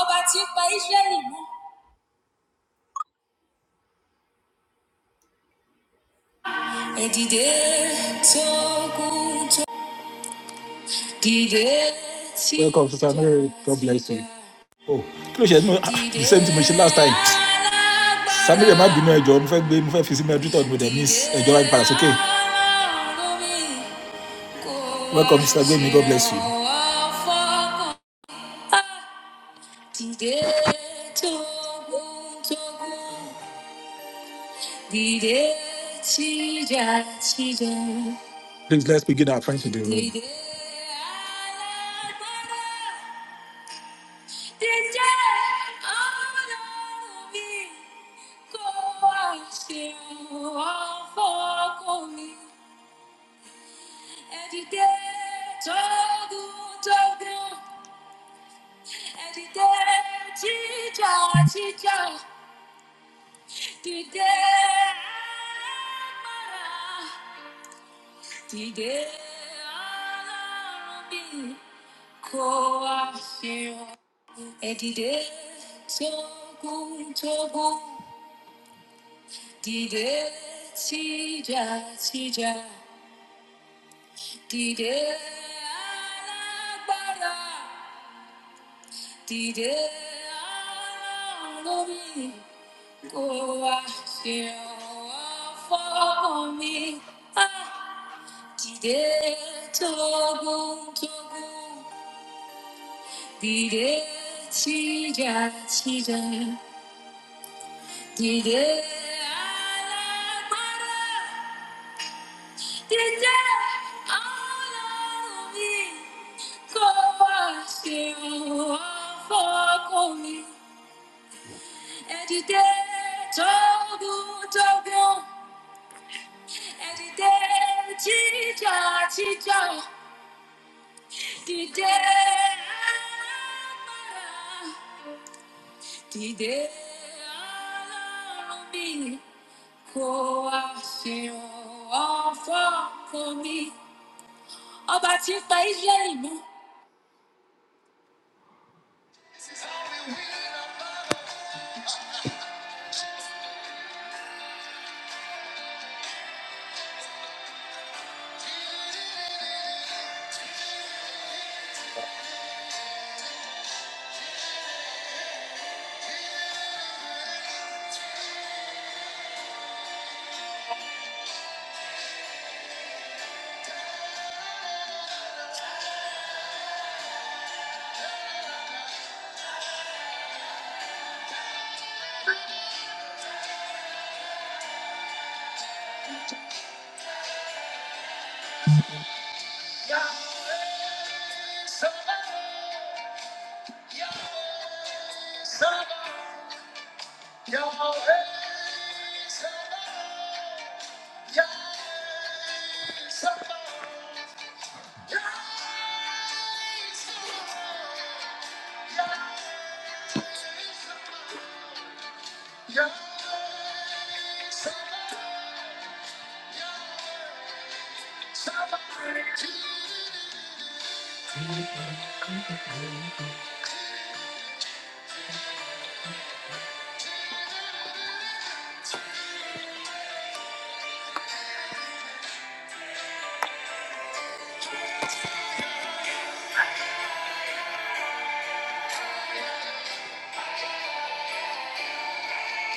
Ọba tí ó pa Ísírẹ́lì mọ́, ẹ̀dìdẹ́ tó Welcome, Sister Mary. God bless you. Oh, kí ló ṣe ẹnu ah, the same thing mo ṣe last time. Samuel má bínú ẹjọ́ mo fẹ́ gbé mo fẹ́ fi sí mẹ́rin tó ọdún Miss, enjoy wa padà okay? Welcome Sister Gbemi, God bless you. Please let's begin our friendship. today. Did you all of go out you all for me? And you did all good, all good. And you did teacher, teacher. You did You did all of me go out you. And you so so Dide tija tija dide alagbara dide alolomi kò wá ṣe ọ̀fọ̀ mi. Ah! Dide togun togun dide tija tija dide alagbara. Dìde ọlọ́run mi kó wá ṣe ọ̀fọ̀ fún mi. Ọba tí ń pa Ísírẹ́lì mọ́.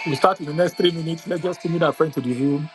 We start in the next three minutes. Let's just move our friend to the room.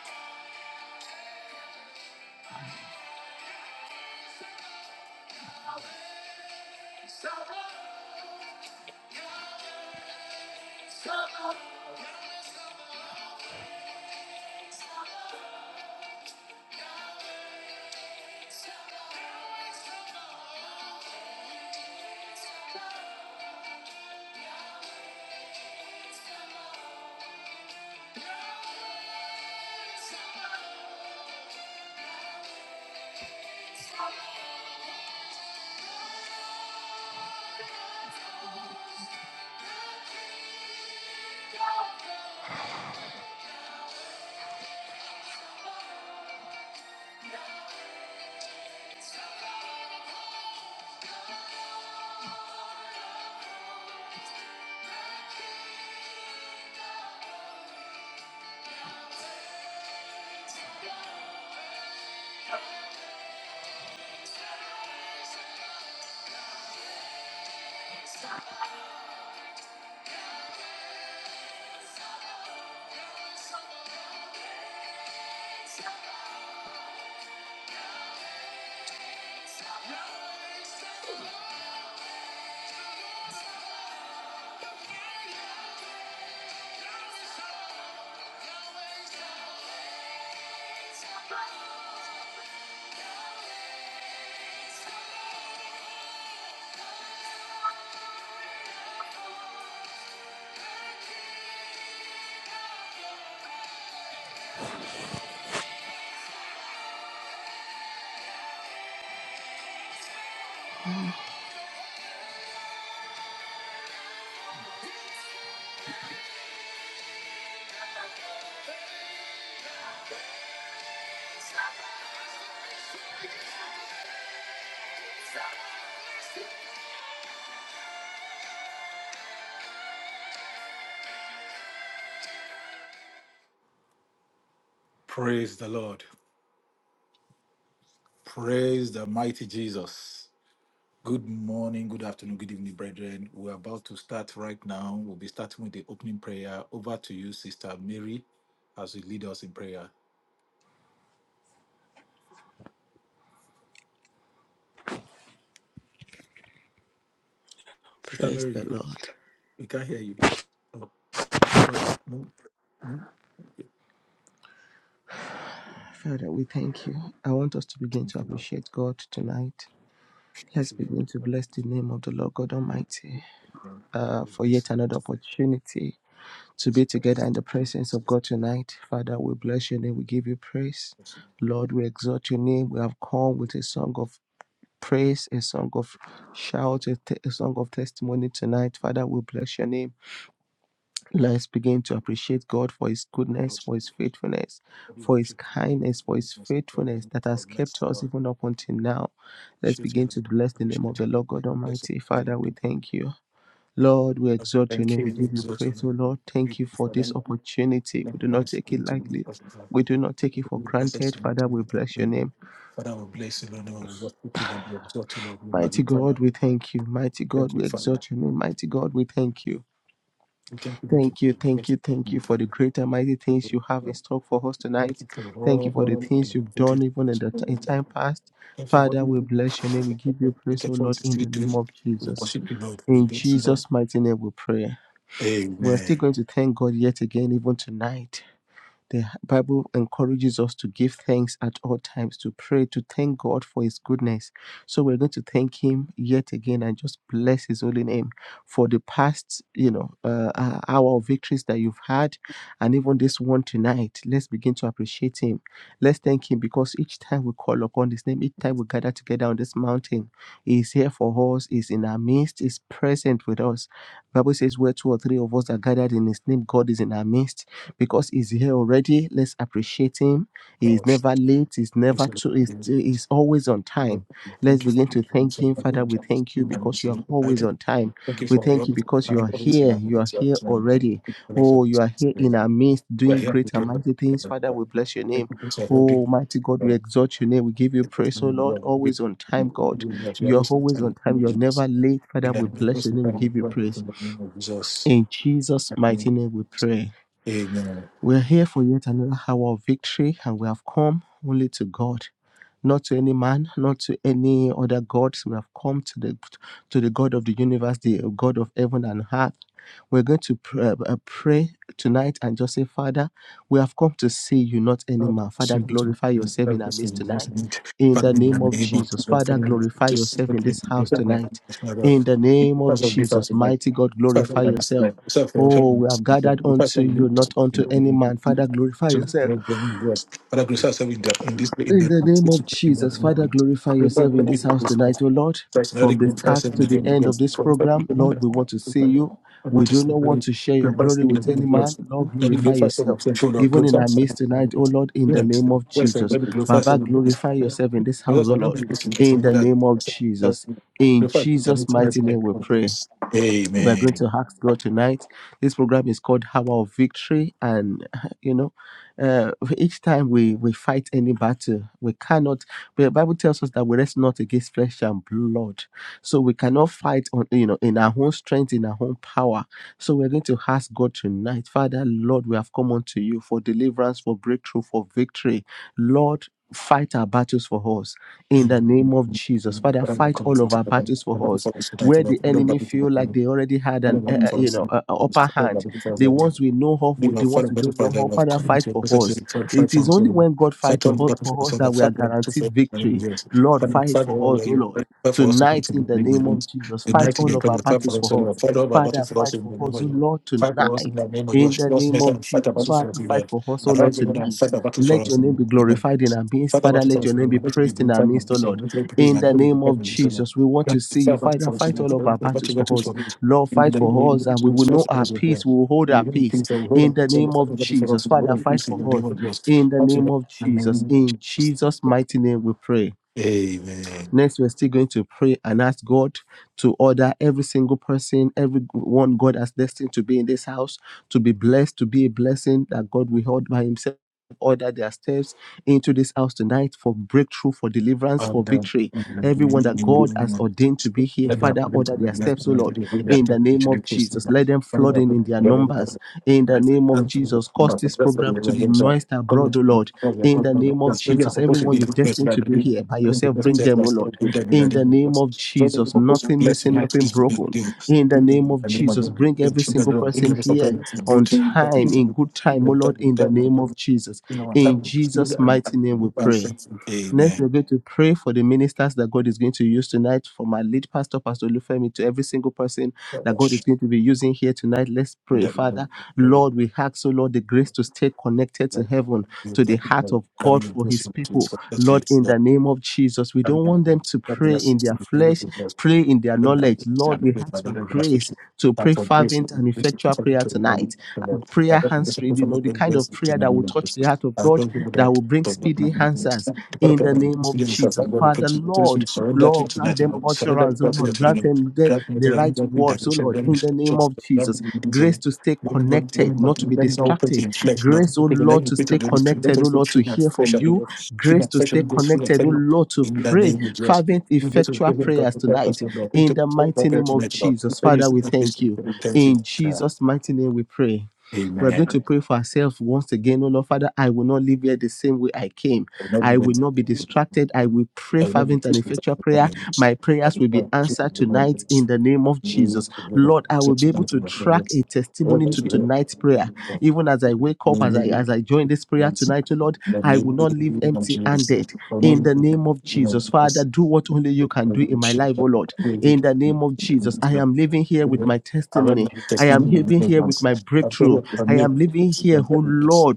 Praise the Lord. Praise the mighty Jesus. Good morning, good afternoon, good evening, brethren. We're about to start right now. We'll be starting with the opening prayer. Over to you, Sister Mary, as you lead us in prayer. Sister Praise the Mary, Lord. we can't hear you. Oh, but no, no. Father, we thank you. I want us to begin Thank to you, Lord. appreciate God tonight. Thank Let's you, Lord. begin to bless the name of the Lord God Almighty uh, for Bless yet another you. opportunity to Thank be together in the you, presence of God tonight. Father, we bless your name. We give you praise. Lord, we exalt your name. We have come with a song of praise, a song of shout, a, te- a song of testimony tonight. Father, we bless your name. Let's begin to appreciate God for His goodness, for His faithfulness, for His kindness, for His faithfulness that has kept us even up until now. Let's begin to bless the name of the Lord God Almighty. Father, we thank you. Lord, we exalt your name. We give you exalt your praise, O name, Lord. Lord. Thank Thank you you for for them. this opportunity. Thank We you do for not this take it opportunity, lightly. because of that. We do not take Thank it for you for such granted. a Father, meeting. we Thank bless you, your Lord. name. Father, we bless you, Lord. We worship you, Lord. We exalt you, Lord. We Mighty magnify you. God, we thank you. Mighty Thank God, you, we Father. exalt your name. Mighty God, we thank you. We thank you, Lord. Thank you, We thank thank you, thank you you, for the great and mighty things you have in Lord. store for us Thank tonight. you for Thank all you for the the things you've opportunities. done even in the t- in time past. And for what Father, we you bless your name. We give you praise, O get for Lord, to in still the do. name of We Jesus. worship you, Lord. We In bless you, Lord. Jesus' mighty name we pray. We're still Amen. going to thank God yet again, even tonight. The Bible encourages us to give thanks at all times, to pray, to thank God for His goodness. So we're going to thank Him yet again and just bless His holy name for the past, you know, uh, uh, hour of victories that you've had, and even this one tonight. Let's begin to appreciate Him. Let's thank Him because each time we call upon His name, each time we gather together on this mountain, He is here for us. He's in our midst. He's present with us. The Bible says, "Where two or three of us are gathered in His name, God is in our midst." because he's here already. Let's appreciate him. He's Oh, never late. He's yes, never too. He's, Lord. he's always on time. Let's Thank you for begin being to with thank us. him, Thank you for being Father. We thank you with us because you are tonight. always on time. Thank you We for being thank with you us. because Thank you you are for being with us. here. You are here thank already. you for Oh, you are here being in with us. our midst, We are doing here great with you, and Lord. mighty things, Thank you, Father. Lord. We bless your Thank name. you, Lord. Thank you, Lord. Thank Oh, mighty God, we you, exalt your name. We give you praise, praise, oh Lord. Lord. Always on time, God. You are You are always always on time. You're with us. never late, Father. We that the bless rest your of name. the We family give you worked praise. in the name of Jesus. In Jesus' Amen. mighty name, we pray. We're here for yet another hour of victory, and we have come only to God, not to any man, not to any other gods. We have come to the to the God of the universe, the God of heaven and earth. We're going to pray, uh, uh, pray tonight and just say, Father, we have come to see you, not any man. Father, Students glorify and yourself in our purposes midst in this tonight. meet, In Father, the in the name of name of Jesus, the Father, following, glorify just yourself in look in this the house family of tonight. the Father. In the name of Because of this, out Jesus, of life, mighty God, because glorify of my master yourself. life, self Oh, revelation, we have gathered because unto of your son, the you, use not of the unto any Holy man. Father, Spirit, glorify to yourself. make them worse. Father, grace us in the- in this way, in In the the name it's a of good Jesus, Father, thing. glorify Require yourself them to in be this with house us, my tonight, oh friend. Lord. Personally, From the good for us start in the to the first end of person. First, another this group, program, first, and then Lord, we want to see we go. you. And We what do is the not want very to share the your best glory thing in the with world? any of man. yours? Lord, Let me glorify glorify some yourself. of the food or Even in glorify our some of midst the tonight, oh things. Lord, in the name of Yes, let Jesus. me glorify Baba, some of this. glorify yourself in this house, Because oh I mean, Lord. this is getting In the that. name of Jesus. In Glorify that Jesus' means tonight mighty in the name name we of pray Jesus. we're going Amen. to ask God tonight. This program is called Hour of Victory, and you know, uh, each time we we fight any battle, we cannot. The Bible tells us that we rest not against flesh and blood, so we cannot fight on you know in our own strength, in our own power. So we're going to ask God tonight, Father, Lord, we have come unto you for deliverance, for breakthrough, for victory, Lord. Fight our battles for us in the name of Jesus. Father, But I'm not fight coming all of to our you. I'm battles for not us for us tonight. where Lord. the I don't enemy want it to my feel like they already had I an don't uh, want it uh, for you us. know I uh, uh, upper don't hand want it for the us. ones we know of They with were the fought ones a we battle don't for know their of life, father coming fight to a for process us in five five it is times only seven. when god fight Fight to on the hu- battle for for us yourself, that but we fight are on the battle for guaranteed many victory years. lord Fight on fight fight for all us where oh you're lord ready, fight for us to fight tonight to be in the big name of wins. jesus The fight night in all your of prayer, our fight battles for us, for us Lord. Fight all our battle father for us fight in for the name us of oh you. lord Fight for us in the tonight name of yours. in the Show us name mercy of and fight a jesus battle for us, father fight Lord. for us oh lord Arise, O Lord, and tonight fight a battle for let us your in name be the name of glorified in Jesus. our midst Fight a father battle for let us your in the name name be of Jesus. We praised in glorify our your midst oh mercy, we lord glorify praise, in and the we name glorify of your mercy, O Lord. Jesus, we want Let to see us Fight a you, battle Father, for us, fight Lord. all of our Fight a battles battle for for us, us. Lord. Lord, In fight the for name us, of and we Jesus, will fight know for our us, peace. We will hold our Lord peace. things that In were the so name of what if I was Jesus, the Lord Father, and fight who's for us. was In the name of absolutely Jesus, in missed Jesus' mighty name, we pray. a Next, we're still going to pray and ask God to order every single person, every one God has destined to be in this house, to be blessed, to be a blessing that God will hold by Himself. Order their steps into this house tonight for breakthrough, for deliverance, for and uh, victory and Everyone that God has the ordained to be here, let that Father, happened to order me their that steps, O Lord, the whole in that the name actually of pushed me Jesus. down. Let them When flood I in put in their God out of numbers, in my the life name of and from the Jesus. Cause but the this rest of the program to way be here so noised come abroad, to O my Lord, problem in because the my name of that's maybe I'm Jesus. supposed to Everyone be you've this place that destined to I be didn't here by I mean, it yourself, doesn't bring say them, O Christ, so Lord, good that I in the didn't name was of so then the Jesus. proposal Nothing bless you missing, might nothing is to be broken, the in the in name of the name of Jesus. your Bring your every single children in person the rest of here time, it's the on beauty that time, in good time, O Lord, in the name is of Jesus. You know, I'm In Jesus' and and mighty name we move and say, pray. Next, we're Amen. going to pray for the ministers that God is going to use tonight, for my lead pastor, Pastor Lufemi, to every single person that God is And going to be using here tonight. Let's pray, that Father. we Lord, we ask, so Lord, the grace to stay connected to heaven, to the heart will of coming God in for his person to us, people. Lord, in the name of Jesus, we coming don't and want them to coming pray us in to their be able flesh, to pray in their When I'm knowledge. Lord, standing we with my ask for own grace demonstration, to thank pray for grace and fervent and grace to effectual perform it prayer to them. tonight. The Lord, I Prayer love grace to answering, you perform know, the the kind of grace to prayer my that will own touch the graces. heart of I God, don't do that without will bring the Lord, my speedy own grace. answers The God of in the heaven, name please of lead us. I Jesus. go to Father, preach the truth. Lord, We surrender to Lord, grant them with utterance, oh Lord, grant them the, the right words, oh Lord, in the name of Jesus. Grace to stay Let me not let connected, me not not to be let me not operate distracted. in flesh, Lord. Grace, oh Because let Lord, me to put the stay Holy Spirit. Let connected, oh us be Lord, to clean and hear fresh from and you you. know, clean Grace and to fresh stay and grace, free and connected, fresh oh Lord, to in the pray name of Jesus. fervent, We get to effectual give him the prayers purpose tonight of God. We in took the all the mighty prayer name to of make God. Jesus. Let me Father, see we the thank vision you. to repent him. In Jesus' mighty name, we pray. We're going Amen. to pray for ourselves once again, oh Lord. Father, I will not leave here the same way I came I will not be I waiting. will to not be the kingdom of distracted. I God. will pray I will not fervent be and waiting effectual the prayer. news. My I prayers will will be not keep answered the tonight in numbers. the name of You Jesus. will Lord, I will six be able months to in my track parents. a I will testimony not to be here. tonight's prayer. Even as I wake up, as I Maybe as I join this prayer months. tonight, oh Lord, Then I will maybe not leave I'm serious. empty-handed. I will not be In the name waiting. of You know, Jesus, Father, because do what only I you can do would in need my to life, oh Lord. be In the name of Jesus, I am living here with my testimony. I am living here with my breakthrough. I am living here, oh Lord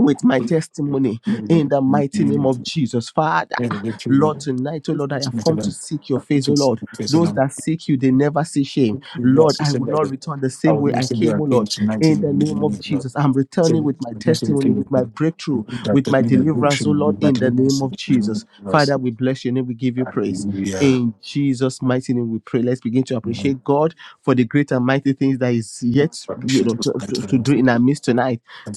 with my testimony in the mighty name of Jesus. Father, Lord, tonight, oh Lord, I have come to seek your face, oh Lord. Those that seek you, they never see shame. Lord, I will not return the same way I a came, oh king Lord, tonight in the in the name of evening. Jesus. I'm returning Then, with my yes, in the testimony, king with my breakthrough, that with the my new deliverance, oh revolution Lord, but in we the didn't name see of the name Jesus. of us Father, we bless your name, we give you and praise. we are In Jesus' mighty name, we pray. Let's begin to appreciate God for the great and mighty things that is yet, but we you should know, was to, to to night. do in our midst tonight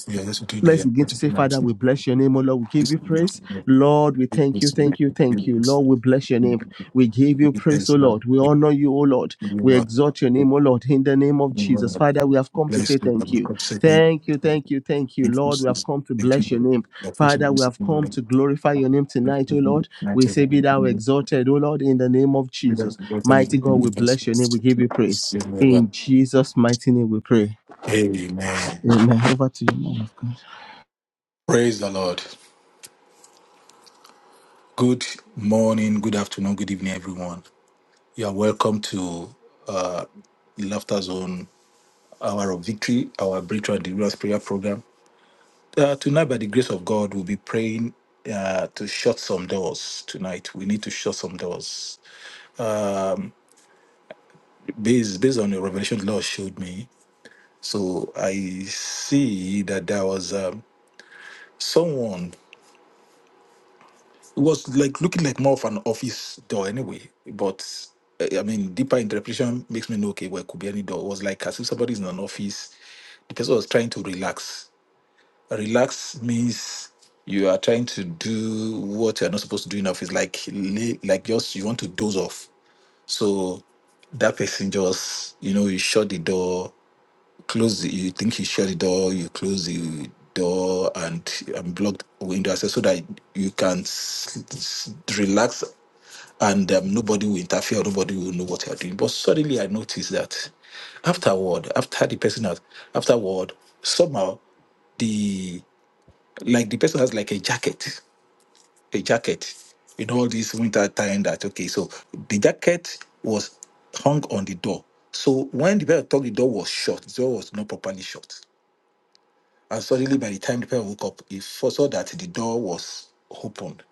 Yeah, that's what you know. Yeah, Let's begin that's to what you say, know. Father, we This bless your name, O Lord. We give is you what praise. you know. Lord, we thank This you, is thank what you, you thank know. you. This is Lord, what we bless your you name. know. We give you Big praise, things O that Lord. We i honor you, O Lord. We exalt your the name, O Lord, in the name of Jesus. Father, we have come to place say that thank I'm you. going to say thank Thank you, you. thank you, thank you. Thank you, Lord, we have Jesus. come to Thank bless your name. The official Father, we have come to glorify your name tonight, O Lord. We say, Be thou exalted, O Lord, in the name of Jesus. Mighty God, we bless your name. We give you praise. In Jesus' mighty name we pray. Amen. Amen. Over to you, man. Praise the Lord. Good morning, good afternoon, good evening, everyone. You are welcome to uh, the Laughter Zone Hour of Victory, our Breakthrough and Deliverance Prayer Program. Uh, tonight, by the grace of God, we'll be praying uh, to shut some doors tonight. We need to shut some doors. Um, based, based on the revelation the Lord showed me, so I see that there was um, someone It was like looking like more of an office door anyway. But eh, I mean, deeper interpretation makes me know okay, well, it could be any door. It was like as if somebody's in an office. The person was trying to relax. Relax means you are trying to do what you're not supposed to do in office, like lay, like just you want to doze off. So that person just, you know, you shut the door, close the, you think you shut the door you close the door and, and block the window access so that you can s- s- relax and um, nobody will interfere nobody will know what you're doing but suddenly i noticed that afterward after the person has afterward somehow the like the person has like a jacket a jacket in all this winter time that okay so the jacket was hung on the door so when the person thought the door was shut the door was not properly shut and suddenly, by the time the parent woke up, he foresaw that the door was opened,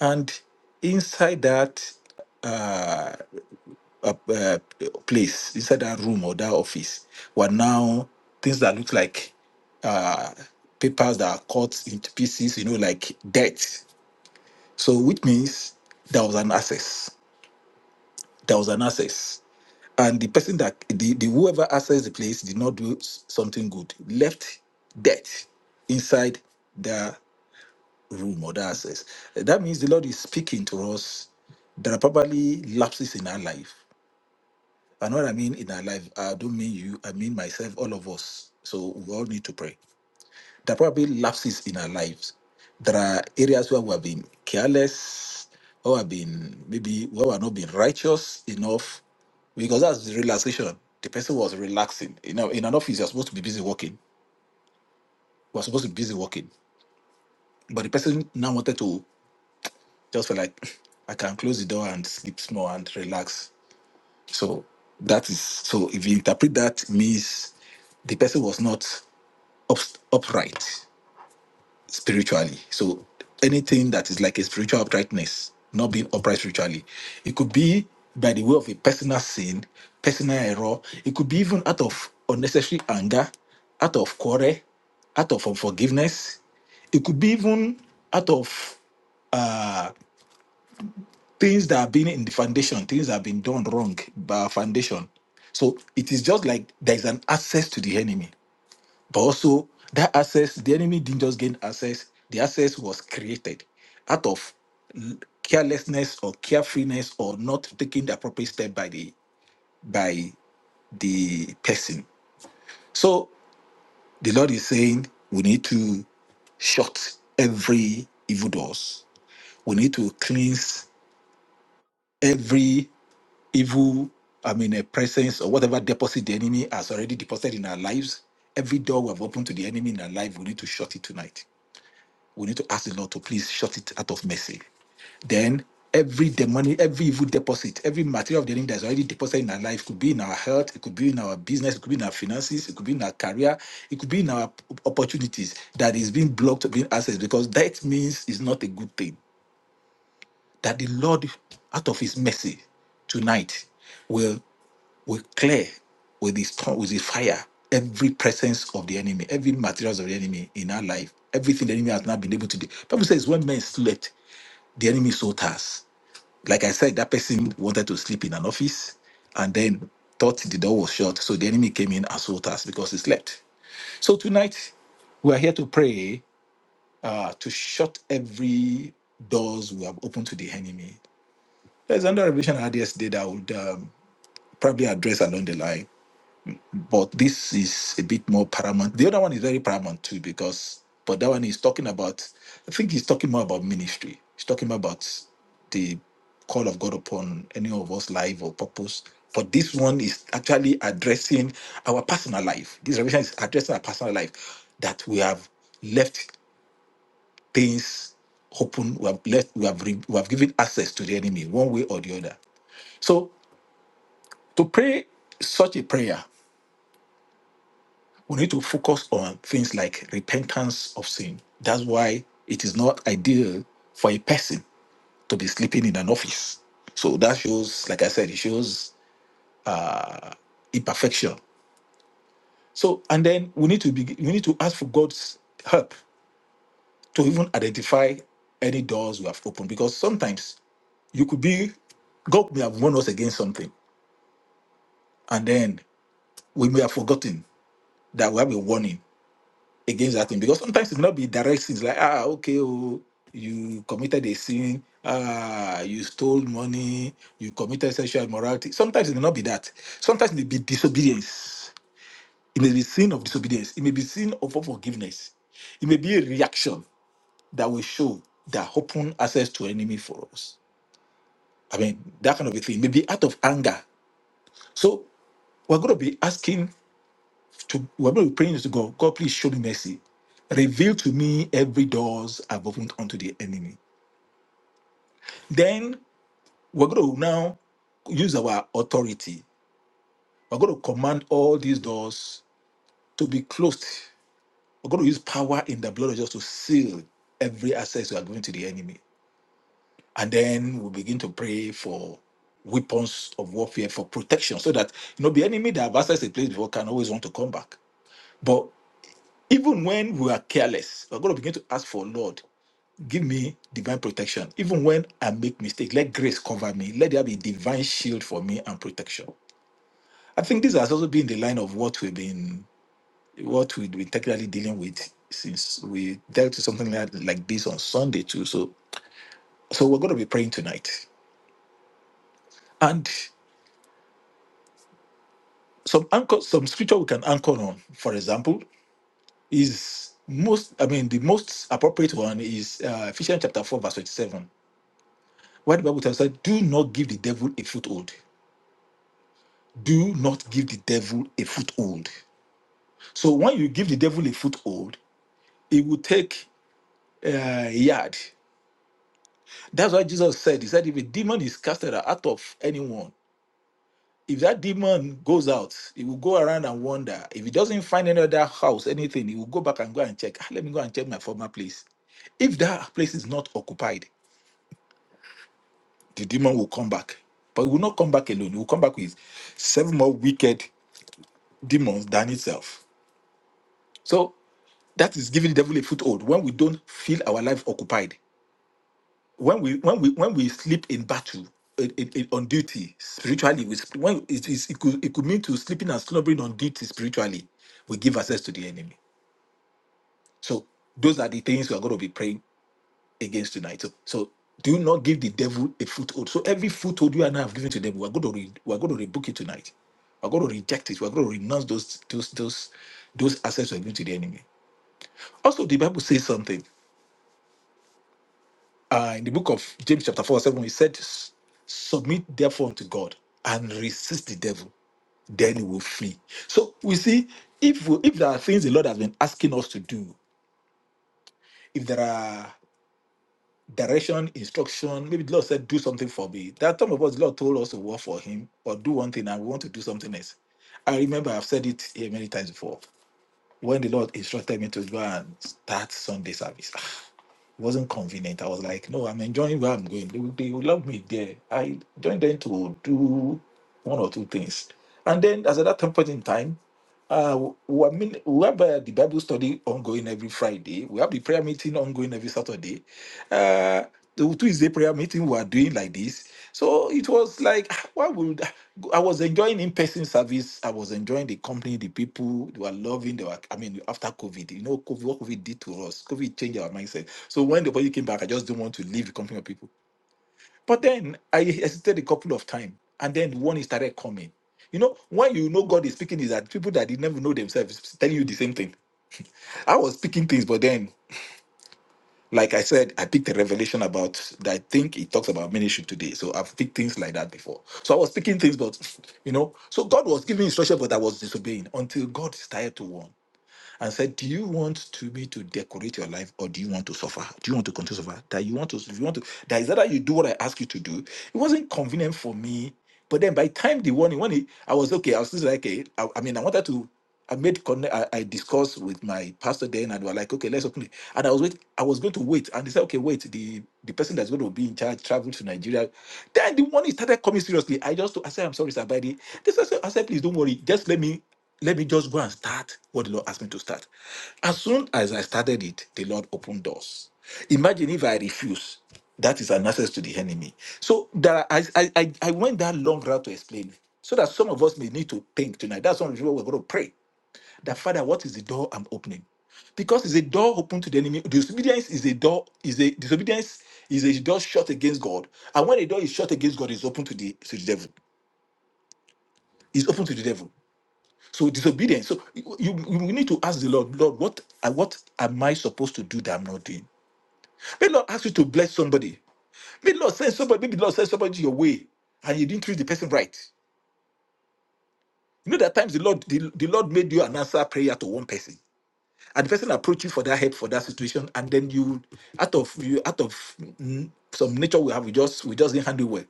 And inside that uh, uh, uh, place, inside that room or that office, were now things that looked like uh, papers that are cut into pieces, you know, like debt. So, which means there was an access. There was an access. And the person that, the, the whoever accessed the place did not do s- something good, left debt inside the. room or the access. Eh, That means the Lord is speaking to us. There are probably lapses in our life. And what I mean in our life, I don't mean you, I mean myself, all of us. So we all need to pray. There are probably lapses in our lives. There are areas where we have been careless, or we have been maybe where we have not been righteous enough, because that's the relaxation. The person was relaxing. You know, in an office, you're supposed to be busy working. We're supposed to be busy working. But the person now wanted to just felt like I can close the door and sleep small and relax. So that is so if you interpret that means the person was not up, upright spiritually. So anything that is like a spiritual uprightness, not being upright spiritually, it could be by the way of a personal sin, personal error. It could be even out of unnecessary anger, out of quarrel, out of unforgiveness. It could be even out of uh, things that have been in the foundation, things that have been done wrong by our foundation. So it is just like there is an access to the enemy, but also that access, the enemy didn't just gain access, the access was created out of l- carelessness or carefreeness or not taking the appropriate step by the by the person. So the Lord is saying we need to shut every evil doors. We need to cleanse every evil, I mean, a presence or whatever deposit the enemy has already deposited in our lives. Every door we have opened to the enemy in our life, we need to shut it tonight. We need to ask the Lord to please shut it out of mercy. Then every demonic, every evil deposit, every material of the enemy that's already deposited in our life could be in our health, it could be in our business, it could be in our finances, it could be in our career, it could be in our opportunities that is being blocked, being accessed, because that means it's not a good thing. That the Lord, out of his mercy, tonight, will will clear with his tongue, with his fire, every presence of the enemy, every materials of the enemy in our life, everything the enemy has not been able to do. Bible says when men slept, the enemy sought us. Like I said, that person wanted to sleep in an office and then thought the door was shut. So the enemy came in and sought us because he slept. So tonight we are here to pray uh, to shut every doors we have opened to the enemy. There's another revision I had yesterday that I would um, probably address along the line but this is a bit more paramount. The other one is very paramount too, because but that one is talking about. I think he's talking more about ministry. He's talking about the call of God upon any of us life or purpose. But this one is actually addressing our personal life. This revelation is addressing our personal life that we have left things open. We have left. We have re, we have given access to the enemy one way or the other. So to pray such a prayer we need to focus on things like repentance of sin. That's why it is not ideal for a person to be sleeping in an office. So that shows, like I said, it shows uh, imperfection. So and then we need to be we need to ask for God's help to even identify any doors we have opened because sometimes you could be God may have warned us against something and then we may have forgotten that we have a warning against that thing because sometimes it's not be direct sins like ah okay oh you committed a sin ah you stole money you committed sexual immorality sometimes it may not be that sometimes it may be disobedience it may be sin of disobedience it may be sin of unforgiveness it may be a reaction that will show that open access to enemy for us i mean that kind of a thing maybe out of anger so we're going to be asking to whoever we're praying to God, God, please show me mercy. Reveal to me every doors I've opened unto the enemy. Then we're going to now use our authority. We're going to command all these doors to be closed. We're going to use power in the blood of Jesus to seal every access we are giving to the enemy. And then we begin to pray for weapons of warfare for protection so that you know the enemy that have accessed a place before can always want to come back. But even when we are careless, we're going to begin to ask for Lord. give me divine protection. Even when I make mistakes, let grace cover me. Let there be divine shield for me and protection. I think this has also been the line of what we've been what we've been technically dealing with since we dealt with something like, like this on Sunday too. So so we're gonna be praying tonight. And some anchor some scripture we can anchor on, for example, is most I mean the most appropriate one is uh, Ephesians chapter 4, verse 27, where the Bible tells us, do not give the devil a foothold. do not give the devil a foothold. So when you give the devil a foothold, it will take uh, a yard. That's why Jesus said, He said, if a demon is casted out of anyone, if that demon goes out, it will go around and wander. If he doesn't find any other house, anything, he will go back and go and check. "Ah, let me go and check my former place. If that place is not occupied, the demon will come back. But it will not come back alone. It will come back with seven more wicked demons than itself. So that is giving devil a foothold when we don't feel our life occupied when we when we when we sleep in battle in, in- in- on duty spiritually we, sp- when it, is, it, could, it could mean to sleeping and slumbering on duty spiritually we give access to the enemy so those are the things we are going to be praying against tonight so, so do not give the devil a foothold so every foothold you and i have given to them we're going to re, we're going to rebuke it tonight we're going to reject it we're going to renounce those those those those access we're giving to the enemy also the bible says something uh, in the book of James, chapter 4, verse 7, he said, "S- Submit therefore unto God and resist the devil, then he will flee. So we see if we, if there are things the Lord has been asking us to do, if there are direction, instruction, maybe the Lord said, Do something for me. There are some of us, the Lord told us to work for Him or do one thing and we want to do something else. I remember I've said it here many times before when the Lord instructed me to go and start Sunday service. It wasn't convenient. I was like, no, I'm enjoying where I'm going. They, will- they will love me there. I joined them to do one or two things. And then as at that time point in time, uh, we, mean, we have uh, the Bible study ongoing every Friday. We have the prayer meeting ongoing every Saturday. Uh, the Tuesday prayer meeting we are doing like this. So it was like, ah, why would I was enjoying in-person service. I was enjoying the company, the people. They were loving. They were. I mean, after COVID, you know, COVID, what COVID did to us. COVID changed our mindset. So when the body came back, I just didn't want to leave the company of people. But then I hesitated a couple of times, and then one is started coming. You know, when you know God is speaking, is that people that did never know themselves is telling you the same thing. I was speaking things, but then, like I said, I picked a revelation about that. I think it talks about ministry today. So I've picked things like that before. So I was speaking things, but you know, so God was giving instruction, but I was disobeying until God started to warn and said, Do you want to me to decorate your life or do you want to suffer? Do you want to continue to suffer? That you want to if you want to that is either you do what I ask you to do. It wasn't convenient for me. But then by the time the warning, when he, I was okay, I was just like, okay, I, I mean, I wanted to I made connect. I, I discussed with my pastor then, and we were like, okay, let's open it. And I was wait. I was going to wait, and they said, okay, wait. The the person that's going to be in charge traveled to Nigeria. Then the money started coming seriously. I just I said, I'm sorry, sir, but the This I said, I said, please don't worry. Just let me let me just go and start what the Lord asked me to start. As soon as I started it, the Lord opened doors. Imagine if I refuse. That is an access to the enemy. So there are, I, I I I went that long route to explain so that some of us may need to think tonight. That's one of the people we're going to pray that Father, what is the door I'm opening? Because it's a door open to the enemy. Disobedience is a door, is a disobedience is a door shut against God. And when a door is shut against God, it's open to the to the devil. It's open to the devil. So disobedience. So you, you, you need to ask the Lord, Lord, what uh, what am I supposed to do that I'm not doing? May the Lord ask you to bless somebody. May the Lord send somebody, maybe the Lord send somebody your way and you didn't treat the person right. You know that times the Lord the, the Lord made you an answer prayer to one person. and the person approach you for that help for that situation, and then you out of you out of mm, some nature we have, we just we just didn't handle well.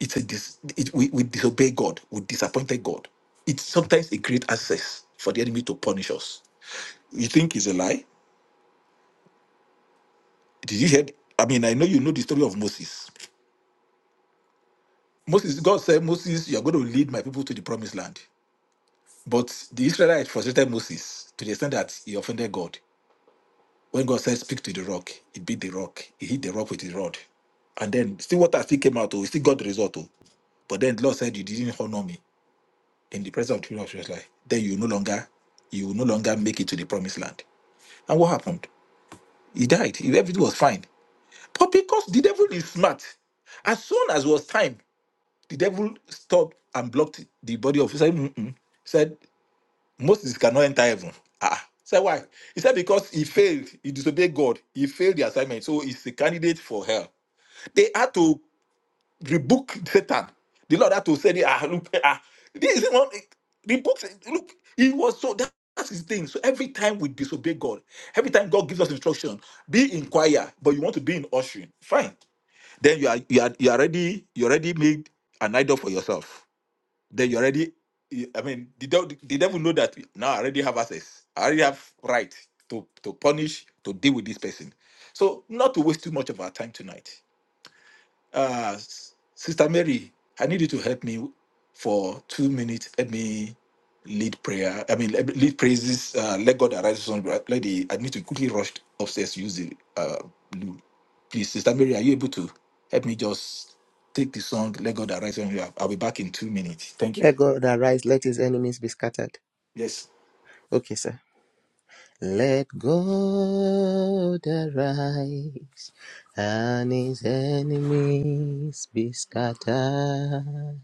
It's a dis, it, we we disobey God, we disappointed God. It's sometimes a great access for the enemy to punish us. You think it's a lie? Did you hear? th- I mean, I know you know the story of Moses. Moses, God said, Moses, you are going to lead my people to the promised land. But the Israelites frustrated Moses to the extent that he offended God. When God said, Speak to the rock, he beat the rock, he hit the rock with his rod. And then still water still came out, oh, he still got the result. Oh. But then the Lord said, You didn't honor me in the presence of the children of Israel. Then you no longer, you will no longer make it to the promised land. And what happened? He died. Everything was fine. But because the devil is smart, as soon as it was time, the devil stopped and blocked the body of Israel. Mm-mm. Said, Moses cannot enter heaven. Ah, so why? He said because he failed, he disobeyed God, he failed the assignment, so he's a candidate for hell. They had to rebuke Satan. The Lord had to say, ah, look, ah, this is one rebuke. Look, he was so that- that's his thing. So every time we disobey God, every time God gives us instruction, be in choir, but you want to be in ushering, fine. Then you are you are you are already you already made an idol for yourself then you already, you- I mean, the devil, the devil know that now I already have access. I already have right to to punish, to deal with this person. So not to waste too much of our time tonight. Uh, S- Sister Mary, I need you to help me for two minutes. Let me lead prayer. I mean, let me lead praises. Uh, let God arise on let the. lady. I need to quickly rush upstairs to use the uh, loo. Please, Sister Mary, are you able to help me just take the song? Let God arise on you. I'll be back in two minutes. Thank you. Let God arise, let his enemies be scattered. Yes. Okay, sir. Let God arise and his enemies be scattered.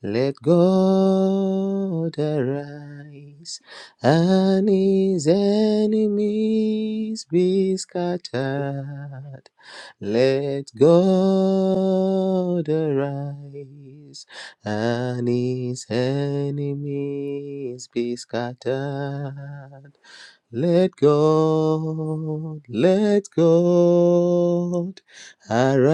Let God arise and his enemies be scattered. Let God arise and his enemies be scattered. Let God, let God arise.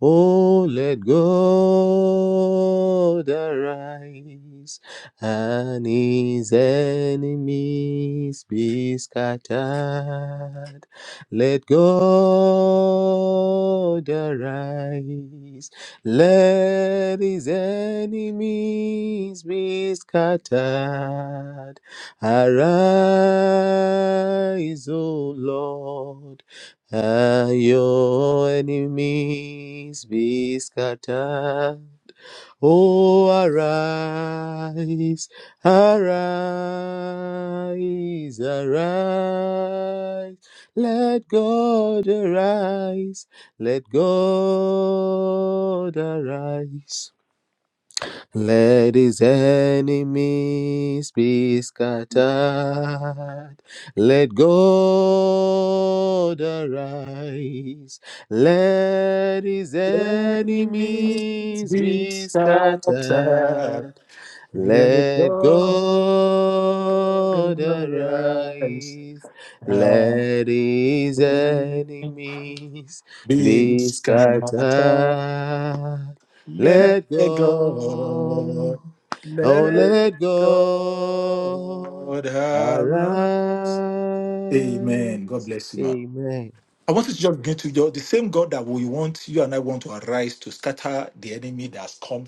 Oh, let God arise and his enemies be scattered. Let God arise let his enemies be scattered. Arise, O Lord, and your enemies be scattered. Oh, arise, arise, arise. Let God arise, let God arise. Let his enemies be scattered. Let God arise. Let his enemies enemies be be scattered. scattered. Let Let God God arise. arise. Let his Heaven enemies Be be scattered. scattered. Let Let go. God, Oh, let let God God arise. Amen. God arise. bless you, man. Amen. I want you to just get to your, the same God that we want you and I want to arise to scatter the enemy that has come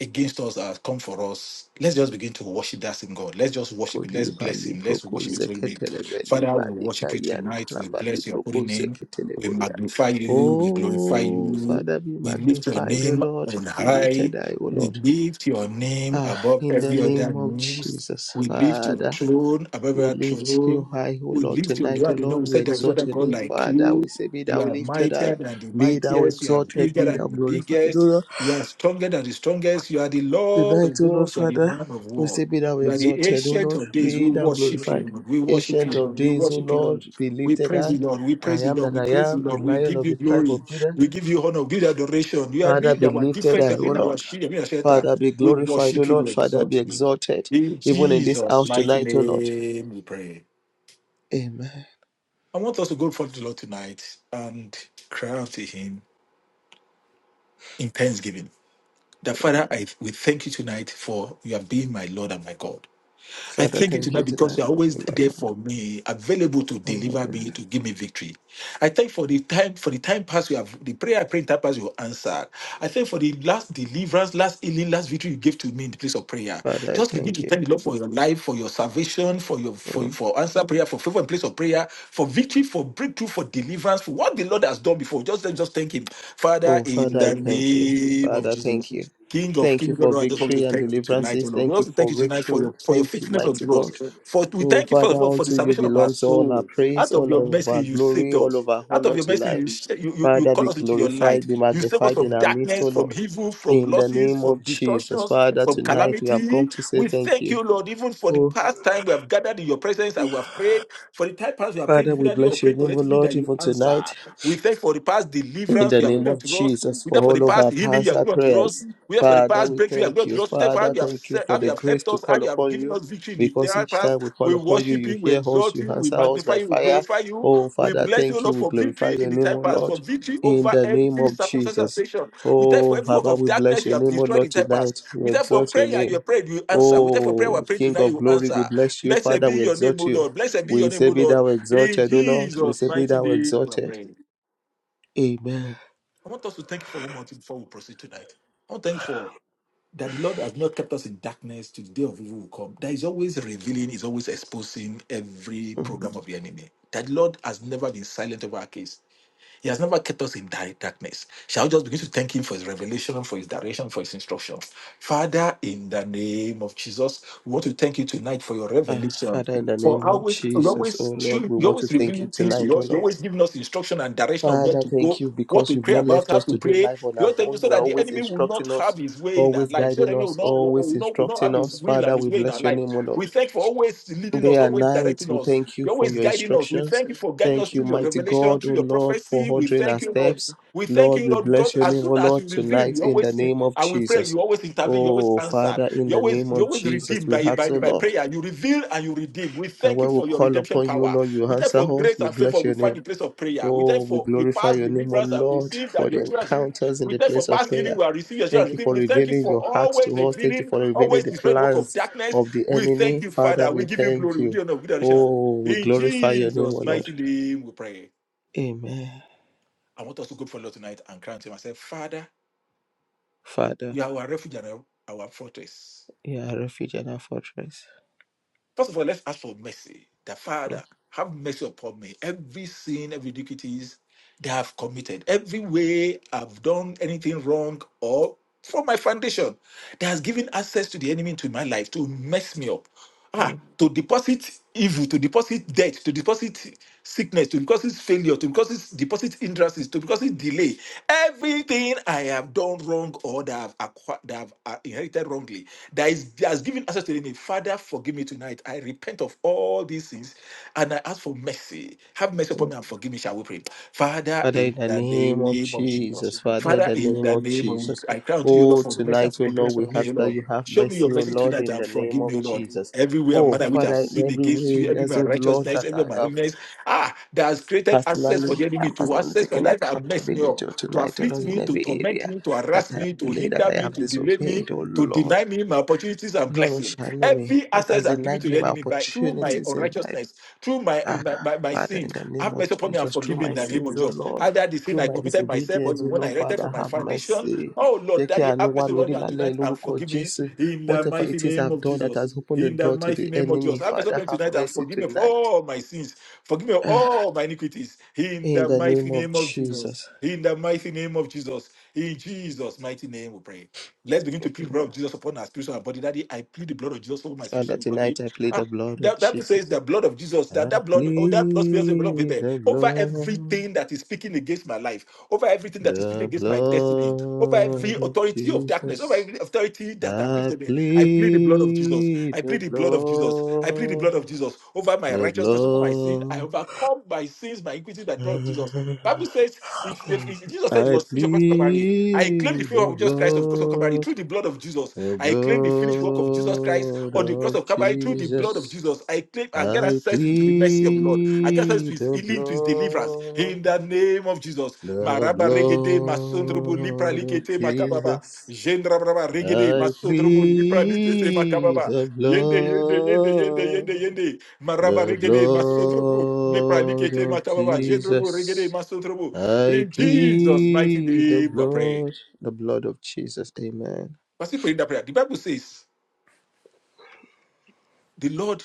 against us that has come for us, let's just begin to worship that same God. Let's just worship Him. Kodi Let's bless bali Him. Let's proko worship His holy name. zeketele beli Father, we bali worship you kayan tonight. tra We bali bless your holy proko name. zeketele We boria. magnify you. We glorify Oh, you. Father, be We lift your magnified, O name Lord. on Be high. lifted, high, O We Lord. lift your name Ah, above in the every other name of names. Jesus, We lift your Father. throne above We our lift throne. you high, O We Lord, lift your tonight, O God. You know, we Lord. We said there is no exalt other your God name, like Father. We you. say, Be You thou are lifted high, mightier than the be thou mightiest. You are exalted, bigger be thou than the glorified, O biggest. Lord. You are stronger than the strongest. You are the Lord Tonight, of O Lord, hosts. You are the Father, man of we war. say, Be thou You are the exalted, O ancient Lord, of days. We be thou worship you, glorified. Lord. We worship Ancient you, of Lord. We days, O worship you, Lord. Lord, be We lifted praise you, high. Lord. We I praise you, am Lord. that We I praise you, am, the Lord. We lion give of you the tribe glory. of Judah. We give you honor. give you adoration. You are Father, being be our lifted defense. You high, have O been our Lord. shield. You have been our shelter. Father, be We glorified, O worship you. Lord. We Father, exalt be you. exalted, In even in this Jesus' house mighty tonight, O Lord. name, we pray. Amen. I want us to go before the Lord tonight and cry out to Him in thanksgiving. That Father, I we thank you tonight for you have been my Lord and my God. I Father, thank you thank you tonight because tonight you are for always being my there Lord. for me, available to Oh my deliver God. me, to give me victory. I thank for the time, for the time past you have the prayer I prayed in time past you answered. I thank for the last deliverance, last healing, last victory you gave to me in the place of prayer. Father, I Just begin thank to you. thank the Lord for your life, for your salvation, for your for, Mm. for answer prayer, for favor in place of prayer, for victory, for breakthrough, for deliverance, for what the Lord has done before. Just just thank him. Father, Oh, in Father, I the thank you. name of Father, thank Jesus. you. King of Thank you King, for God, I just want to victory and thank you tonight, O deliverances. Lord. We Thank you also thank for you tonight for breakthrough. your for your Thank you, faithfulness mighty unto us. God. For we Oh, thank you first Father, of all for the unto you salvation of our belongs all our soul. praise, Out of your all of our mercy, you glory, saved all us. of our Out of honor your mercy, you tonight. sh- you you, you Father, be call us into your glorified, light. be You save us magnified in from our midst, oh darkness, from Lord. evil, from In the losses, name from of Jesus. destructions, Father, from tonight we have come calamity. to say We thank thank you. you, Lord, even for the Oh, past time we have gathered in your presence and we have prayed. For the time past we have prayed Father, we individually or bless your prayed name, O collectively that Lord, you even answer. tonight. We thank for the past In deliverance the you have name given of unto us. Jesus, We for thank for the all of past our healing you past have given unto us. prayers, We have for the Father, past we breakthrough, have thank gone to the you. hospital for how Father, you have thank you se- for how you the have grace helped to us, how call you have upon given you. us victory in the Because third each past. time we call We upon you, worship you you, we hear us, exalt you you, we answer us magnify by you, we fire. glorify you. Oh, We Father, bless you, thank you. Lord, We for glorify victory in your the name, time O past, for Lord, victory in over the name every of circumstance and Jesus. situation. We thank you for Oh, every work Father, of we bless darkness you your have name, O destroyed Lord, in time past. tonight. We We thank you for exalt prayer your you have name. prayed, you answer. We thank you for prayer we Oh, have prayed King tonight, of you glory, we answer. bless you. Blessed Father, be we your name, O exalt you. Lord. Blessed be your We name, O say, Be Lord. thou In exalted, O Lord. We Jesus' say, Be mighty thou name, we are exalted. praying. Amen. I want us to thank you for one more thing before we proceed tonight. I want to thank you for that the Lord has not kept us in darkness to the day of evil will come. That is always revealing, is always exposing every program of the enemy. That the Lord has never been silent over our case. He has never kept us in dark darkness. Shall we just begin to thank him for his revelation, for his direction, for his instruction? Father, in the name of Jesus, we want to thank you tonight for your Uh, revelation. Father, in the name For of always, you Jesus, oh always, Lord, we you want to always thank you revealing things tonight, to oh us. You Lord. always giving us instruction and direction of where Father, to thank go, you what because to you've pray not about, left how us to to do pray. life on You our always tell you own. so You are that the always enemy will not instructing us, have his way in our always life. So the guiding enemy will us, not, always will not, will not have instructing his us. will and Father, his we way in our bless your life. name, O We Lord. thank you for always leading Day us, and always night, directing we us. thank you You're for always your guiding us. We instructions. thank you for guiding us Thank you, through your mighty revelation, God, through O your Lord, for prophecy. We ordering our thank you, Lord. steps. We thank Lord, you, we Lord, because bless your as name, O soon as Lord, you reveal, tonight you in always the see. name of And we pray, Jesus. you always intervene, you always Oh, answer, Father, in you the always name you of always Jesus, redeem we by, ask, by, O by Lord. prayer. You reveal and you redeem. We that thank you when we for your call redemption upon you, power. Lord, you We thank answer for us. grace We and favor. bless We your find name. the place of prayer. We Oh, thank we for the glorify past your name, O deliverance I've Lord, received for and your the children. have received. encounters in We the thank for place of past healing prayer. we have received. Your children Thank have you received. for We thank you revealing for your heart always to us. Thank you revealing, for revealing always the destroying the work of plans darkness. of the We thank enemy. you, Father, Father. We we give you thank glory. We you. do you honor. Oh, we In glorify your name, O Jesus' Lord. mighty name, we pray. Amen. I want us to go for Lord tonight and cry to Him and say, Father, Father, you are our refuge and our our fortress. you are a refuge and our fortress. First of all, let's ask for mercy. The Father, Mm, have mercy upon me. Every sin, every iniquities that I've committed, every way I've done anything wrong or from my foundation that has given access to the enemy into my life to mess me up. Ah, mm, to deposit evil, to deposit debt, to deposit sickness, to deposit failure, to deposit deposit hindrances, to deposit delay. Everything I have done wrong or that I've acquired, that I've uh, inherited wrongly, that is that has given access to the enemy. Father, forgive me tonight. I repent of all these things, and I ask for mercy. Have mercy mm. upon me and forgive me. Shall we pray? Father, Father, in in the the name of name of Jesus. Jesus, Father, in Father, the in name the of name of Jesus. I cry unto you, Lord, Oh, for mercy and tonight, oh Lord, forgiveness we for me, ask that Lord. you have Show me mercy, your oh mercy Lord, tonight in and the name forgive me, of Lord. Jesus. Everywhere Oh, manner which I've Father, in sinned every against way, you, every yes, my oh Lord, righteousness, that every my I have holiness, ah, that has created access for personally, the enemy I'm to personally access my taking life and mess me accountability up, oh, to tonight, oh afflict Lord, in me, to every torment area me, to that harass I have me, to delayed, that hinder I me, have to delay me, disobeyed, oh to Lord. deny me my opportunities and Lord, oh, blessings. shine on me Every that access has I've given denied to me the my enemy by through my opportunities in life. unrighteousness, through my Ah, my, my, my Father, sins, in the name have of mercy upon me and Jesus, forgive through me in my the name of sins, O Jesus. Lord, Either the sin through I my committed myself or the disobedience, O one I Lord, erected for Father, my have foundation. mercy. Oh Lord, Jẹ́ kí Daddy, have mercy mi on rí me and lálẹ́ tonight and lórúkọ forgive me Jésù. in the Whatever mighty it is name I've of done that Jesus. has opened the In the door to mighty the name of enemy, Jesus. I'm Father, praying have tonight and mercy forgive me of tonight. all my sins. Forgive me of Ah, all my iniquities. In In the the mighty name of name of Jesus. Jesus. In the mighty name of Jesus. In Jesus' mighty name we pray. Let's begin to plead the Amen. blood of Jesus upon our spiritual and body. Daddy, I plead the blood of Jesus over my Father, spiritual body. tonight I plead the Ah, blood of that, that Jesus. says the blood of Jesus, that, I that blood, oh, that blood spills the blood of plead Abel the over blood, everything that is speaking against my life, over everything that is speaking the against my destiny, over every blood of authority of darkness, over Jesus. every authority that I've I given to me. I plead the blood of Jesus. plead I the plead the blood of Jesus. I plead the blood, blood of Jesus over my the righteousness, over my sin. I blood. overcome my sins, my iniquity, by the blood of Jesus. Bible says, it, it- it- Jesus said it I was finished across Calvary. I claim the plead favor the of Jesus Christ of course of Calvary blood, through the blood of Jesus. the I claim the finished work of Jesus Christ blood on the cross of of Calvary through the blood of Jesus. Jesus. I claim I get I access to the mercy of the Lord. I get access to plead his the healing, to his deliverance. blood, In the name of Jesus. the Maraba regede masondrobo lipra blood of likete makababa. Jesus. Jendrabraba regede I masondrobo lipra likete plead makababa. the Yende, yende, yende, yende, yende, blood. yende. Maraba The regede masotrobo. Lepra blood likete of matababa. Jendrobo regede Jesus. masotrobo. I In Jesus' mighty plead the name, we pray. blood, the blood of Jesus. Amen. Was he praying that prayer? The Bible says, "The Lord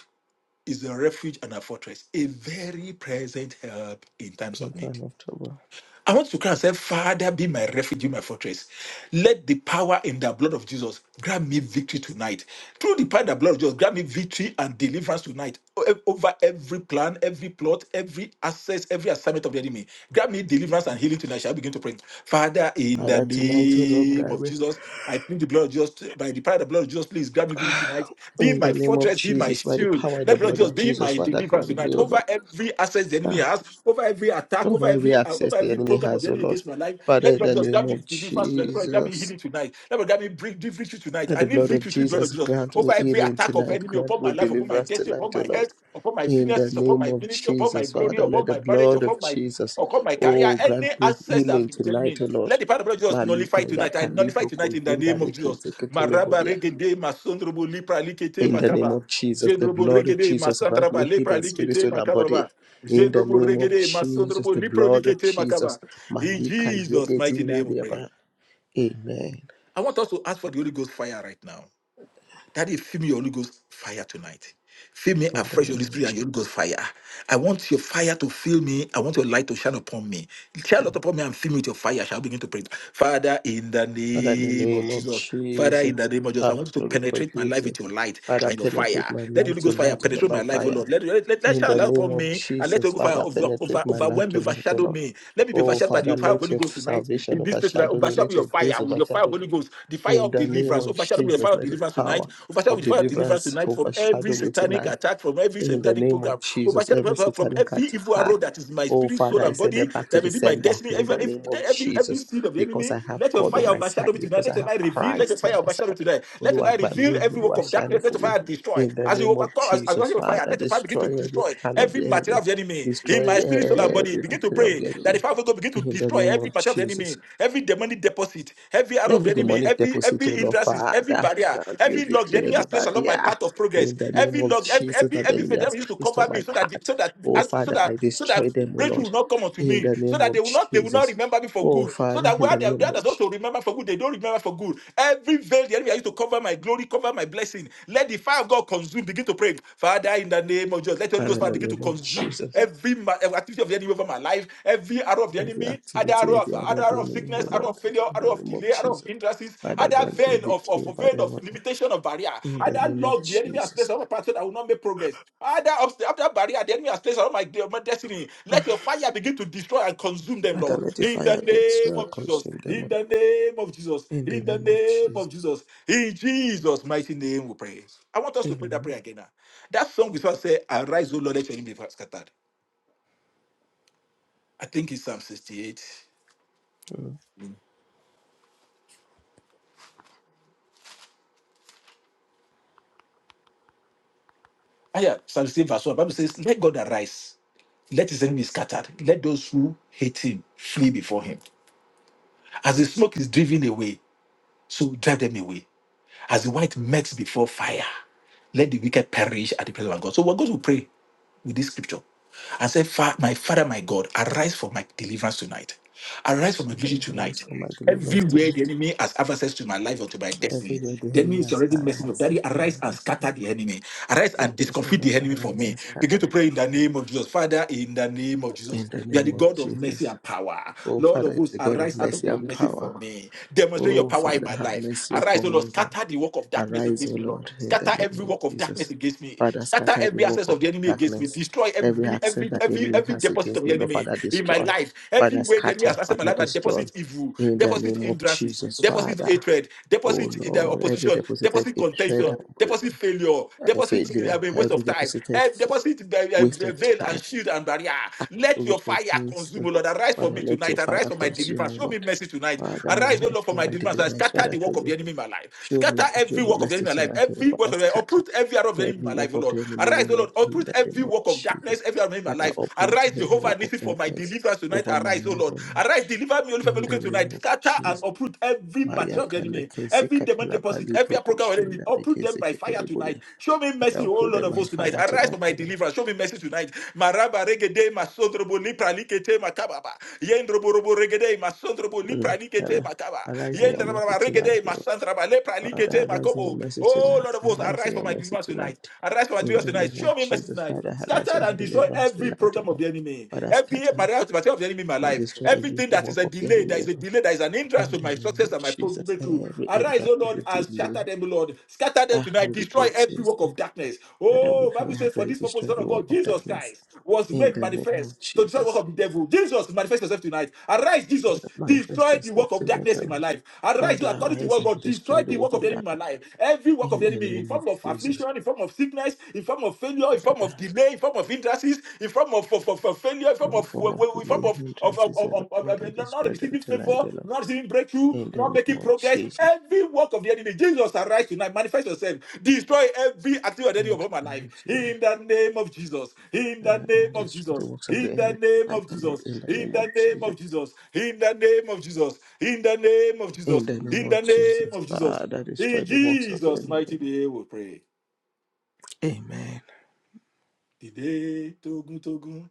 is a refuge and a fortress, a very present help in times of In need." time of trouble. I want to cry and say, Father, be my refuge, my fortress. Let the power in the blood of Jesus grant me victory tonight. Through the power in the blood of Jesus, grant me victory and deliverance tonight O- e-, over every plan, every plot, every access, every assignment of the enemy. Grant me deliverance and healing tonight. Shall I begin to pray? Father, in the Father, tonight, O Lord, name thy of way. Jesus, I plead the blood of Jesus by the power of the blood of Jesus. Please grant me victory you tonight. Be In my the name of fortress, be my Jesus, by the shield. power in the Let the Lord blood Jesus of be Jesus, my Father, deliverance grant me, tonight. O Over Lord. every access the enemy Ah, has, over every attack, over Over every every uh, access over the every enemy program of has, the O enemy Lord. against my life. Father, Let the in Lord the Jesus grant name me of deliverance tonight. Let the Lord grant me Jesus, healing tonight. Let the Lord grant me bring victory tonight. that I the need blood of victory through the blood of Jesus Jesus. grant Over me every healing attack of tonight, enemy grant upon my me life, upon my deliverance destiny, upon tonight, O my Lord. health, upon my In the finances, upon name my of ministry, upon my Jesus, glory, Father, let upon the my marriage, blood of upon my Jesus, upon my career, oh, grant any me access that have healing limited me. tonight, O Lord. Let the power of the Lord Jesus Malika nullify tonight. I yaka nullify libroko tonight in the zinda name of Jesus. reke zeke Maraba teleboria. regede masondrobo lipra likete In the name makaba. of Jesus, the Jendrobo blood of regede Jesus, grant masandraba me lepra healing, spirit, likete soul, and makababa. body. In the Jendrobo name of regede Jesus, masondrobo the lipro blood of likete makaba. Jesus. In Malika Jesus' yege mighty zinda name we pray. riaba. Amen. I want us to ask for the Holy Ghost fire right now. Daddy, fill me your Holy Ghost fire tonight. Fill me In the name afresh, Holy of Spirit, and your Jesus. Holy Ghost fire. I want your fire to fill me. I want your light to shine upon me. Shine light upon me and fill me with your fire. I Shall I begin to pray. Father, in the Father, in the name of name of Jesus. Father, in the Jesus. name of Jesus, I Ah, want you to Lord, for penetrate my life Jesus. with your light Father, and your penetrate fire. my Let the life Holy Ghost fire tonight, O Lord, penetrate by my life, O fire. Lord. Let, let, let, let In shine the light name upon of me and let the Jesus, Holy Ghost fire Father, over, over, penetrate my life overwhelm me, tonight, O overshadow Lord. me. Let me be Oh, overshadowed by the Father, fire of let Holy your Ghost tonight. salvation In this place, tonight, overshadow me. overshadow me Let your your grace fire with your fire of overshadow Holy me. Ghost, the fire In of the name deliverance, of overshadowed with the fire Jesus, of let the deliverance tonight. power Overshadowed of with the fire of deliverance deliverance tonight from every overshadow me satanic tonight. attack, from every In the satanic name of program. Jesus, Overshadowed every from satanic every evil arrow attack. that is my Oh, spirit, Father, soul, I and send them body, back to that the may be my sender destiny. in Every the every name of every, Jesus seed of the because enemy. I have Let your God on fire my side, overshadow me tonight. because Let I your have light reveal. Let your Christ on fire my overshadow side. me tonight. Let your Olúwa light gbà mí, reveal every work Olúwa of ṣàánú darkness. Let fún your mi. fire destroy. In the As you name of overcome, as, as Jesus, your fire, Father, let your fire begin to destroy every destroy plan of every the material enemy, of the enemy in destroy my spirit, soul, and body. every Begin to victory of pray the that the enemy. fire of God begin to In the destroy name of every material of the enemy Jesus. enemy, every demonic deposit, every arrow of the Every enemy, demonic every deposit, oh every Lord hindrances, every Father, barrier, grant me every log the victory, enemy has placed along everybody. my ah, path of progress, In the name every of log, every Jesus, every, that the every enemy faith the has enemy used to placed on cover me my so that the- path. so that Oh as- so Father, that I so that destroy them, oh breakthrough Lord. will not come unto In me, the so name that they of will not they will not Jesus. remember me for Oh good, so Father, that in where the they where name others of Je- also remember for good, they don't remember for good. Every veil the enemy has used to cover my glory, cover my blessing. Let the fire of God consume. Begin to pray, Father, in the name of Jesus. Let the Holy Father, Ghost in fire the begin to name of consume Jesus. every ma- my every activity of the enemy over my life, every arrow of the Every enemy, other arrow activity, of every arrow other of the arrow of enemy, sickness, oh arrow Lord. of failure, In the arrow of name of delay, arrow of Jesus. hindrances, Father, other grant me vein of, victory of of over vein them, of oh Lord. limitation of barrier, In the other name of log the enemy has placed Jesus. on my path so that I will not make progress. Other obstacle, barrier the enemy has placed on my, my destiny. Let your fire begin to destroy and consume them, Father, Lord. let the In the fire name destroy of and Jesus. consume them, oh In Lord. the name of Jesus. In the In the name of name Jesus. of Jesus. In Jesus' mighty name we pray. I want us to pray that Amen. prayer again now. That song is what say, Arise, O Lord, let your enemy be scattered. I think it's Psalm 68. Ah, yeah, Psalm 68, verse 1. Bible says, Let God arise, let his enemies scattered, let those who hate him flee before him. As the smoke is driven away, so drive them away. As the white melts before fire, let the wicked perish at the presence of God. So we're going to pray with this scripture and say, "Fa- My Father, my God, arise for my deliverance tonight. Arise for my vision Arise tonight. for my deliverance Everywhere the tonight. enemy has have access to my life or to my destiny, Everywhere the the enemy enemy is has already had messing up. access Daddy, to my arise and life, scatter the enemy. Arise and oh discomfit the Father, enemy for arise me. and Begin to scatter. pray in the name of Jesus. Father, in the name of In Jesus, the you are name the of God of mercy Jesus. and power. Oh, Lord of Father, hosts, the God of arise out of mercy your and mercy power. for me. Demonstrate your Oh, power in Father, my have life. mercy Arise, O upon Lord, me, Lord. scatter the work of darkness Arise, O against me, Lord. Lord, in the Scatter name every of work of darkness Jesus. against me. Father, Scatter scatter every every work access of of the enemy against me. darkness, Destroy every every access every that the every enemy every has deposit of against the me, enemy the Lord. enemy Father, in my destroy. life. Father, Everywhere the enemy has scatter. accessed my Father, life I destroy. deposit evil, In the deposit name of hindrances, Jesus, deposit Father. hatred, Oh deposit in the Lord, every opposition, deposited deposit hatred contention, and deposit failure, uh, deposit eh, failure, I mean, waste every of time, deposited eh, f- deposit the, waste uh, of veil time, and shield and barrier. Let evil your fire against, uh, consume, O Lord. Arise for Father, me let your tonight. Arise fire for my consume, deliverance. O Show me Lord. mercy tonight. Father, Arise, O arise Lord, for for my my deliverance. I deliverance. scatter Father, the show work of me, the enemy in my life. show Scatter me, show every me work of the mercy enemy in my life. tonight, O Lord. Every work Father, of the enemy. scatter uproot every arrow of the enemy in every my work life, O of Lord. the enemy, O Arise, O Lord, Lord, in uproot the name every of work of darkness, Jesus. every element in my Father, life. uproot Arise, every Jehovah, work of listen for my darkness deliverance tonight. over my Arise, O life, O Lord. Lord, Arise, deliver me, O only in look the at name tonight. of Scatter and Jesus. uproot every Maya material of the kale enemy, kesi every demon katala deposit, bali every program of the enemy. prokushinda Uproot them lekesi by fire tonight. ketile Show me Father, mercy, I'll O put Lord them of by hosts tonight. fire Arise tonight, for my Lord. deliverance. Show me mercy tonight. Maraba regede masondrobo lipra likete makababa. Yendrobo robo regede masondrobo Mm. lipra likete Father, makaba. arise in your mercy Yendraba tonight, regede masandraba lepra Lord. Alikeche, Father, arise in your mercy Oh, tonight. Lord of hosts, Arise arise in for your my mercy deliverance tonight. tonight. Arise for my In deliverance the tonight. name Show of me mercy Jesus, tonight. Father, arise Scatter for my and destroy deliverance every tonight, program of Lord. the enemy. Father, Every scatter material material of the enemy in my and life. destroy every Everything that work is a of the delay, enemy, that is a Lord. delay, that is an hindrance In to the my name success of and my Jesus, breakthrough. every Arise, hindrance, oh Lord, every and delay, shatter them, Lord. Scatter them ah, tonight. we Destroy call every Jesus. work of darkness. Father, we Oh, pray Bible says, ask that for you this purpose, destroy Son every of work God, of Jesus darkness. Christ was In made the name manifest of to destroy the work Jesus, of the devil. Jesus, manifest yourself tonight. Arise, Father, Jesus. manifest Destroy the work yourself of tonight, darkness in Lord. my life. Arise, you Father, according to arise what and God. Destroy destroy the the work work of the of enemy in my darkness. life. Every work of In the the enemy in name of form of Jesus, affliction, in form of sickness, in form of failure, in form Father, of delay, in form of hindrances, in form of, of, of, of failure, in form every of, form of in form delay, of, of, of, hindrances, and of, of, of, Father, of not not destroy them receiving tonight, favor, O Lord. not receiving breakthrough, In the not name making of progress. Jesus, Every work of the enemy, Jesus, arise tonight, manifest yourself, destroy every activity of the enemy in upon my the life. name of Jesus, In the name of Jesus, in the name Father, of destroy the Jesus. works of the In the enemy name tonight, of O Lord. Jesus. In the In name of the name Jesus, of Jesus. In the name of Jesus. In the name of Jesus. in the name In of the name Jesus, of Jesus. Father, destroy In the works of the Jesus' enemy. O mighty Lord. name we pray. Amen. Dìde tógun tógun.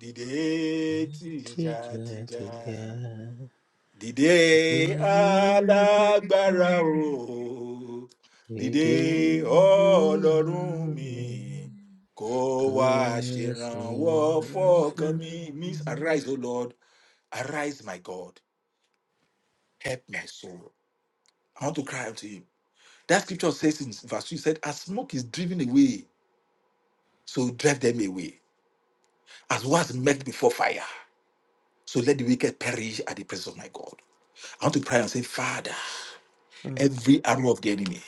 Dìde tìjà Teacher tìjà. to God. Dìde alágbára o. Did Dìde ọlọ́run mi. you Kó Mm. wá ṣèrànwọ́ fọ́kàn mi. Means arise, O Lord. Arise, my God. help my soul. I want to cry out to him. That scripture says in verse 2, it said, As smoke is driven away, so drive them away. As was met before fire, so let the wicked perish at the presence of my God. I want to pray and say, Father, every arrow of the enemy.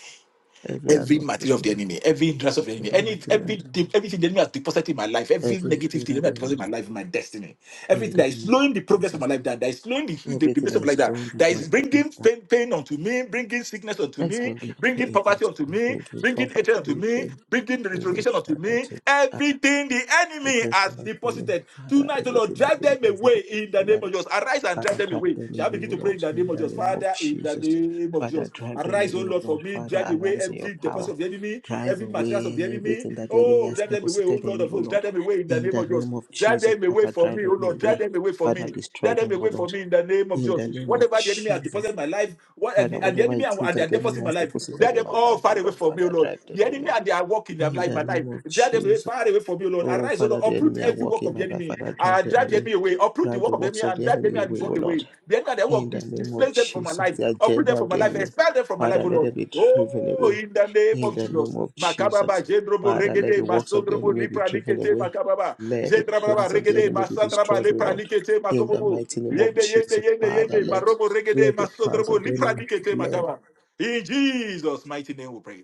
Every every arrow, of the material of the enemy, enemy, every interest of the enemy, every any material of the everything, enemy, everything the enemy has deposited in my life, every every negative thing the created enemy has deposited enemy, in my life, in my destiny, in everything the that is name slowing the of progress of my Jesus. life down, that is slowing the the, the Everything best that of my is life down, thrown that with my is progress bringing now. pain, pain onto me, bringing sickness onto Let's me, bring it bringing pain poverty unto onto me, me, bring it bringing comfort hatred to onto me, me, pain, bringing the bring it retrogression onto trial me, unto me, and everything the enemy has progression unto me. deposited Father, tonight, oh Lord. Lord, everything that drive the enemy them has away deposited in the in my name life. of Jesus. Arise and drive Father, them drive away. them Shall I away, begin to O pray in Lord, the in name of the Jesus? name of Father, in the Jesus. name of Father, Jesus. drive them Arise, oh away, O Lord, for Lord. me. Father, Drive away arise in your every deposit power. of the enemy, Drive every materials of the away enemy. everything that the enemy Oh, has drive them away, oh deposited Lord in me, of O hosts. Drive Lord. them away in the In name the of Jesus. name of Drive Jesus, them away Father, from drive me, oh Lord. them away. Drive them away from Father, me. Drive destroy them them, O away from Lord. me in the name of In the Jesus. name of Whatever the enemy has Jesus. deposited in my life, what and Father, the, and the whatever enemy it and, is and their that the deposit enemy my has life. deposited Drag in them my all life, far O away Lord, from me, O Father, Lord. drive The them enemy away. and their work in their In life, the my life. name of Drag them Jesus. far away from me, O Lord. Oh, Arise, O Lord. Father, the Uproot enemy are every work working of in the my life. enemy. Father, drive Uh, them drive the away. enemy away. Uproot the Drive the work of the enemy works of and the drive the enemy enemy and away, his O work away. Lord. The enemy and their In work, the dis- name of displace them from my Jesus, life. the Uproot them agenda from of my the life. enemy, Expel them from my life, Father, O let Lord. it be driven Oh, away. in the name In of the Jesus. name of Makababa, Jesus, Jendrobo, Father, let Regede, the works of the Masondrobo, enemy be Lipra, driven Likete, away. Makababa. Let the Jendrabraba, plans of the Regede, enemy be Masandraba, destroyed, O Lepra, Lord. Likete, In the Makobobo. mighty name of Yende, yende, Jesus, yende, Father, yende. let Marobo, Regede, let the plans Masondrobo, of the Lipra, enemy, Likete, let. Makaba. In Jesus' mighty name we pray.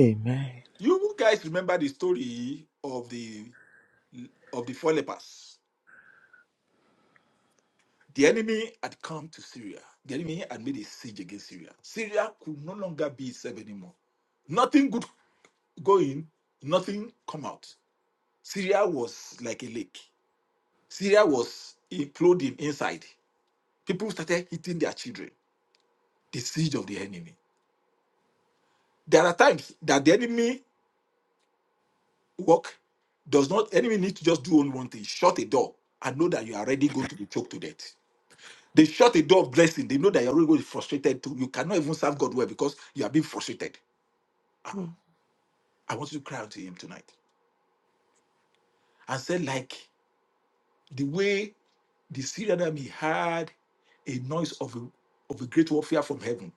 Amen. You guys remember the story of the of the four lepers. The enemy had come to Syria. The enemy had made a siege against Syria. Syria could no longer be itself anymore. Nothing good go in, nothing come out. Syria was like a lake. Syria was imploding inside. People started hitting their children. The siege of the enemy. There are times that the enemy work does not enemy need to just do only one thing shut a door and know that you are already going to be choked to death they shut a door of blessing they know that you're already going to be frustrated too you cannot even serve god well because you are being frustrated Ah, Mm. i want you to cry out to him tonight and say like the way the syrian army had a noise of a, of a great warfare from heaven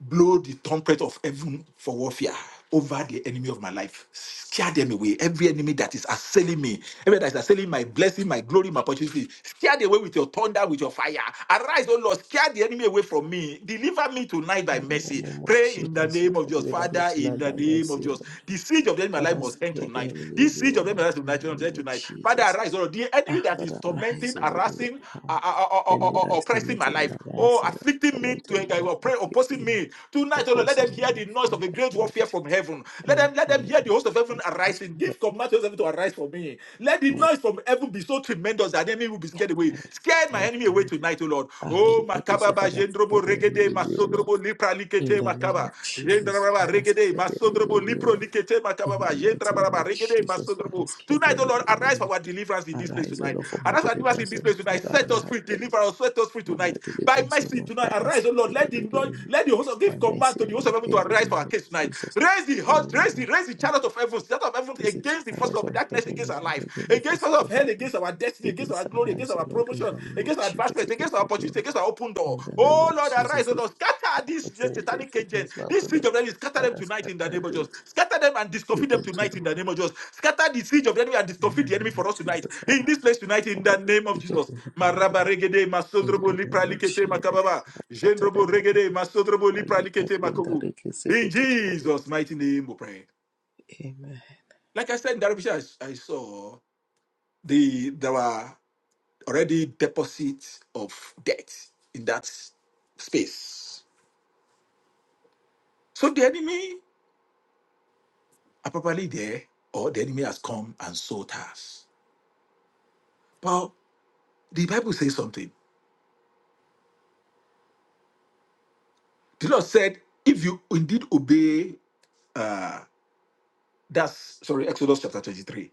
blow the trumpet of heaven for warfare over the enemy of my life. Scare them away. Every enemy that is assailing me, every that is assailing my blessing, my glory, my opportunity, scare them away with your thunder, with your fire. Arise, O Lord, scare the enemy away from me. Deliver me tonight by Father, in mercy. the name of Pray in the Jesus, name of Father, Jesus. deliver me Father, in tonight the by name of mercy, O Jesus. Lord. The siege of the enemy of my life Father, must end scare the tonight. enemy This away, siege O of the Lord. enemy of my In life the must end name of tonight. Father, Jesus. arise, O Lord. The enemy Ah, that is Father, tormenting, arise, O Lord, in your harassing, power. uh, uh, uh, uh, The uh, enemy that uh, is oppressing my tormented, and life. Oh, arising and afflicting me tormenting my to life, uh, opposing afflicting me, me. Tonight, O Lord, let them opposing hear me, the noise of Father, the great warfare tonight. from heaven. Let Them them let them here, hear the host of heaven Jesus, arising. my Give command to heaven to arise for me. Let the noise from heaven be so tremendous that the enemy will be scared away. heaven. Scare my enemy away tonight, O Lord. Ah, Oh Lord God, this is Makababa Father, scare Jendrobo the Regede enemy away, O Masondrobo Lord. Lipra In Likete the name of Makaba. Jesus, Jendrababa Father, Regede scare the Masondrobo enemy away, O Lipro Lord. Likete In Makababa. the mighty name Jendrababa of Regede Jesus, Father, Masondrobo. scare the Tonight, O enemy Lord, away, O arise Lord. for our deliverance in this place Arise, O tonight. Lord, for my Arise for our deliverance in deliverance, this O Lord. place tonight. Father, Set us arise, free, O Lord, deliver us, set us free for my tonight. By deliverance, O mercy Lord. tonight, Father, arise, O Lord. Lord, scare let the away the Lord, enemy. let the host of give Have command mercy, to O the host of Lord, heaven to in the arise for name our of case tonight. Jesus. Raise the host, Oh, raise the raise the chariot of heaven, chariot of heaven is a against the force child of of darkness, heaven, against our O Lord, life, against the against forces force of of hell, against darkness, our destiny, against our against glory, our against lives, O our Lord, in promotion, the name against of our Jesus, advancement, against against our our opportunity, glory, against our open door. in the name Oh of Lord, arise, Jesus, oh against Lord, my scatter this opportunities, satanic agent, against my this siege product, of the enemy, scatter them Father, tonight in the scatter name of a Jesus. bit, Scatter them and discomfit them against O tonight Lord, in the name of Jesus. Scatter the siege of the enemy and in the discomfit the enemy name of for us tonight. Jesus, In Father, this place tonight, in the scatter name of against Jesus. the heaven, O Lord, Marabaregede, in masondrobo, the name of lipralikete, Jesus, makababa. Father, scatter Jendrobo them, O Lord. regede masodrobo Are you guys lipralikete in that makobu. they can say In the world? Jesus' mighty name we pray. Amen. Like I said in Darabisha, I, I saw the there were already deposits of debt in that space. So the enemy are probably there, or the enemy has come and sought us. But the Bible says something. The Lord said, if you indeed obey uh that's sorry, Exodus chapter 23.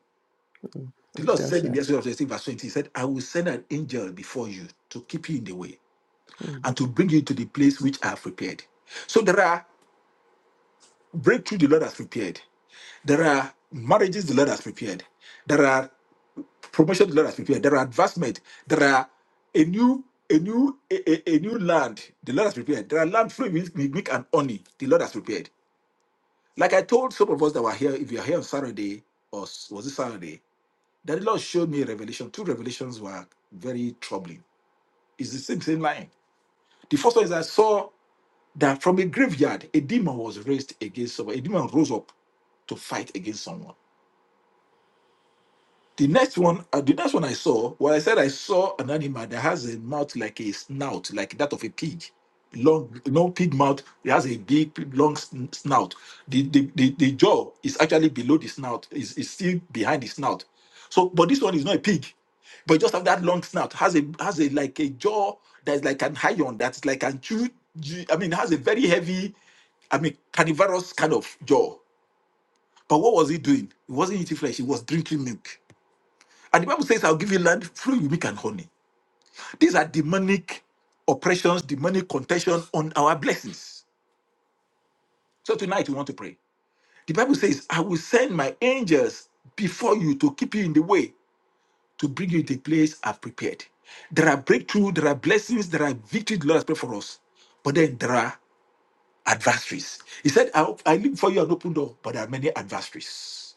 Mm. The Lord said in the Dasha. Exodus 16, verse 20, He said, I will send an angel before you to keep you in the way and to bring you to the place which I have prepared. So there are breakthrough the Lord has prepared. There are marriages the Lord has prepared. There are promotion the Lord has prepared. There are advancement. There are a new a new a, a- a new land the Lord has prepared. There are land free with with milk and honey the Lord has prepared. Like I told some of us that were here, if you are here on Saturday or s- was it Saturday, that the Lord showed me a revelation. Two revelations were very troubling It's the same, same line. The first one is I saw that from a graveyard, a demon was raised against someone. A demon rose up to fight against someone. The next one, uh, the next one I saw, well, I said I saw an animal that has a mouth like a snout, like that of a pig. Long, no pig mouth. It has a big, long sn- snout. The, the, the, the jaw is actually below the snout, is is still behind the snout. So, but this one is not a pig, but it just have that long snout. Has a has a like a jaw that's like an iron that's like an chew. chew- I mean, has a very heavy I mean, carnivorous kind of jaw. But what was it doing? It wasn't eating flesh, It was drinking milk. And the Bible says, I'll give you land flowing with milk and honey. These are demonic oppressions, demonic contention on our blessings. So tonight we want to pray. The Bible says, I will send my angels before you to keep you in the way, to bring you to the place I've prepared. There are breakthrough, there are blessings, there are victory the Lord has prepared for us. But then there are adversaries. He said, I, I leave for you an open door, but there are many adversaries.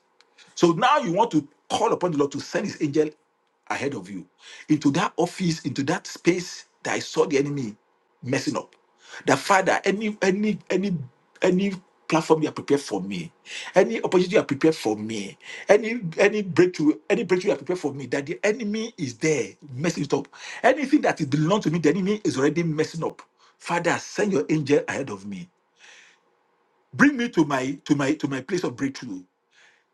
So now you want to call upon the Lord to send his angel ahead of you into that office, into that space that I saw the enemy messing up. That Father, any any any any platform you are prepared for me, any opportunity you are prepared for me, any any breakthrough, any breakthrough you are prepared for me, that the enemy is there messing it up. Anything that is belongs to me, the enemy is already messing up. Father, send your angel ahead of me. Bring me to my to my to my place of breakthrough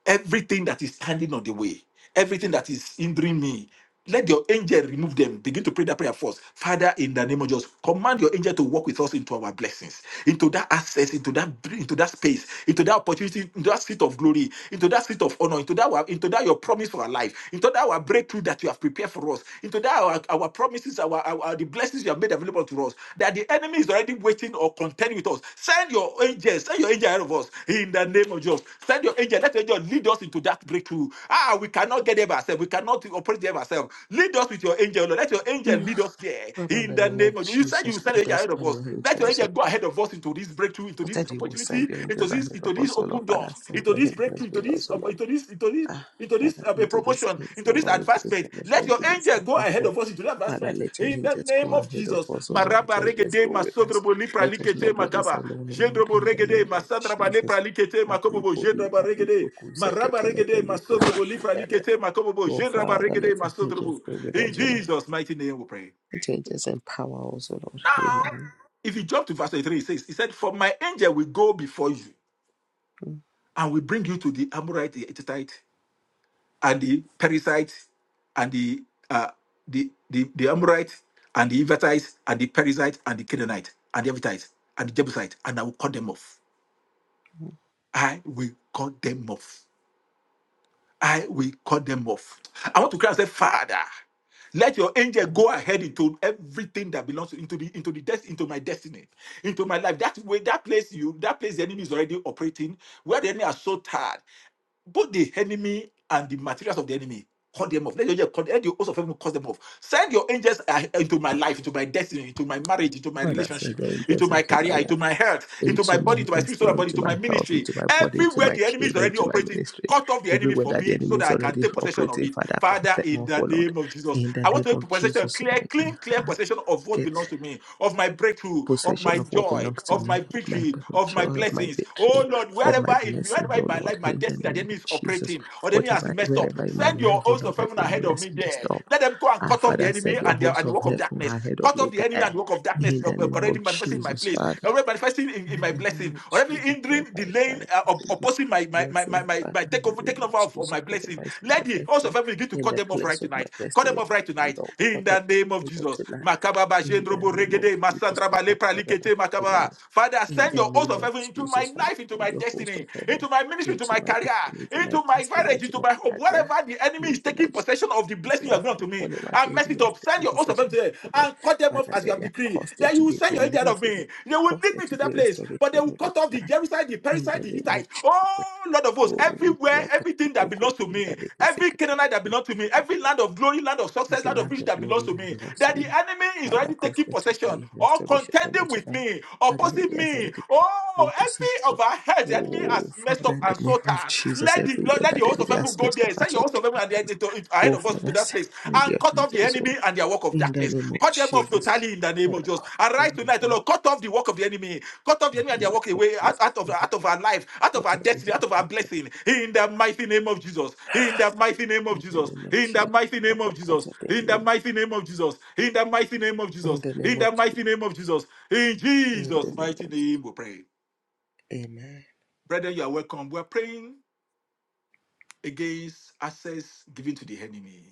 everything that is standing on the way, everything that is hindering me, let your angel remove them. Begin to pray that prayer first. Father, in the name of Jesus, command your angel to walk with us into our blessings, into that access, into that into that space, into that opportunity, into that seat of glory, into that seat of honor, into that our- into that your promise for our life, into that our breakthrough that you have prepared for us, into that our, our promises, our, our the blessings you have made available to us. That the enemy is already waiting or contending with us. Send your angels, send your angel ahead of us. In the the name of Jesus. Send your angel. Let your angel lead us into that breakthrough. Ah, we cannot get there by ourselves. We cannot operate there by ourselves. Lead us with your angel. Lord. Let your angel Father, lead us there in in the the name of name of Jesus. You said you Jesus, will send your lead angel us ahead by of your us. Let your angels. angel O go ahead of us into this breakthrough, into Lord. this That you will send opportunity, your into angels this, ahead into of this us, O Lord. open Father, doors, send into your this breakthrough, angels into with this, us, O uh, Lord. into this, into this, Ah, into this Father, uh, into this promotion, space, into O this Lord, into this advancement. promotion, Let your into this angel go ahead advancement. of us into that Father, advancement let your in the angels go name of ahead of Jesus. us, O Lord. Let Maraba your angels regede go with us. masodrobo lipra Let us likete not do this makaba. alone, O Lord, Jendrobo in the regede, name of masadraba lepra Jesus. likete makobobo, Malipoli, jendraba regede, Malipoku, maraba Zeketele, regede, Belipoku, masodrobo lipra Shindaria. likete makobobo, Oh, jendraba Father, regede, let your angels masodrobo. go with In us, O Lord. Jesus' mighty name we pray. Let your angels empower us, O Lord. Amen. If you jump to verse 3, it says, He said, For my angel will go before you Mm. and will bring you to the Amorite, the Hittite, and the Perizzite, and the uh, the, the, the Amorite, and the Hivites, and the Perizzite, and the Canaanite, and the Hivite, and the Jebusite, and I will cut them off. I will cut them off. I will cut them off. I want to cry and say, Father, let your angel go ahead into everything that belongs to- into the into the death into my destiny, into my life. That way, that place you that place the enemy is already operating, where the enemy are so tired both the enemy and the materials of the enemy cut them off. Let your angel cut, let the host of heaven cut them off. Send your angels uh, into my life, into my destiny, into my marriage, into my Father, send relationship, your into angels my into career, my life, into my health, into my into body, my into my spiritual destiny, body, into into my my health, ministry. into my body, into Everywhere my the enemy is children, already into my operating, ministry. cut off the enemy Everywhere for that the me so enemy that is I can already take possession of operating, it. Father, cut Father, them in off, oh the Lord. name of Jesus, In the I want name to take of possession, Jesus, so clear, that I clean, can clear ha- possession of what get. belongs to me, of my breakthrough, of my possession of what joy, belongs to of my me, of my victory, of my joy, of my blessings. Oh victory, Lord, of wherever my in blessing. wherever in oh my Lord, life, my in the destiny that the name enemy of is Jesus. operating or the enemy has Whatever, messed up, wherever in my send your life, oh host Lord, of that heaven ahead enemy of has me messed there. up. Let them go and Our cut off the Father enemy said, Your and the, hosts and the of work of heaven are darkness. ahead of Cut me off the enemy and there. the work of darkness In uh, the uh, name already of manifesting in my Jesus, place, Father. already manifesting in, In in my the blessing, name of already Jesus, hindering, wherever is delaying, uh, manifesting my opposing my my my my, blessing, my, Father, my in the takeover, name taking of over of, of Jesus, my blessing. whatever is Let the host of manifesting heaven begin to in cut the them off right place of my tonight. Cut them destiny, off right Father, tonight. Lord, In in call the them name of Jesus. tonight. Makaba ba In the jendrobo name of regede, Jesus, masandra ba Father, lepra call them likete makaba. tonight. Father, In send the your oath name of of heaven into Jesus, my Father, life, into my send your host destiny, of into heaven my ministry, into into my my career, destiny, into my into my destiny, marriage, into into my my home. career, Wherever the enemy is into taking my possession of the blessing you away have given from to it. me, What if I and did mess and it yes, up. Send taking your oath of heaven to possession, oh Lord. and cut them off Father, as you let have there decreed. cause there Then to you will be send your angel of release, oh Lord. me. They will Cause lead there me to to that be place, restoration, but they will oh Lord, cut off the tonight. Jerusalem, the In Parasite, the the name of Hittite. Jesus. Oh, Lord of hosts, Oh, everywhere Maria, declare can you everything that broke belongs to in me, that they can say, every can you Canaanite that that belongs belongs to me, to every you? land of glory, land of success, Every the land of land riches of that belongs glory to that me, belongs to that the me. enemy is already Father, cause taking there to possession be or restoration on contending us with now. me, And the opposing enemy has me. already Oh, taken every possession. of our heads, the enemy has Oh, messed Father, up in the and name sought of us. Jesus, Let the everywhere let the that the host of enemy heaven has go messed up there. Send as your host of heaven and well. the, the- ahead Oh, of us into Father, that place send and your cut off the angels oh, enemy and their work of in the darkness. name of Cut them off Jesus. totally in the name of Father, Jesus. call Arise them as tonight, O well. Lord. Cut off the work of the enemy. Cut off the In enemy the and they name walk of away Jesus. out, out of, Father, out of our life, out of cut our off the destiny, head. out of our blessing. In the mighty name of Jesus. In the mighty name of In the Jesus. name of In the Jesus. mighty name of Father, Jesus. cut off the In the enemy. mighty name of Jesus. In the mighty name of In Jesus. the name In of the mighty Jesus. name of Jesus. In In the Jesus' name mighty of Jesus. name we pray. Amen. Brethren, you are welcome. We are praying against access given to the enemy.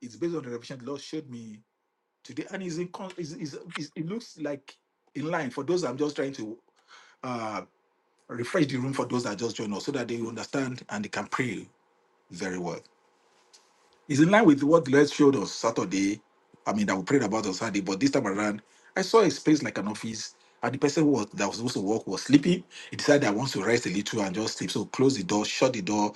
It's based on the revelation the Lord showed me today, and is in con- is, is, is it looks like in line for those I'm just trying to uh, refresh the room for those that just joined us so that they understand and they can pray very well. It's in line with what the Lord showed us Saturday. I mean, that we prayed about on Saturday, but this time around, I saw a space like an office, and the person who was, that was supposed to work was sleeping. He decided that he wants to rest a little and just sleep. So close the door, shut the door.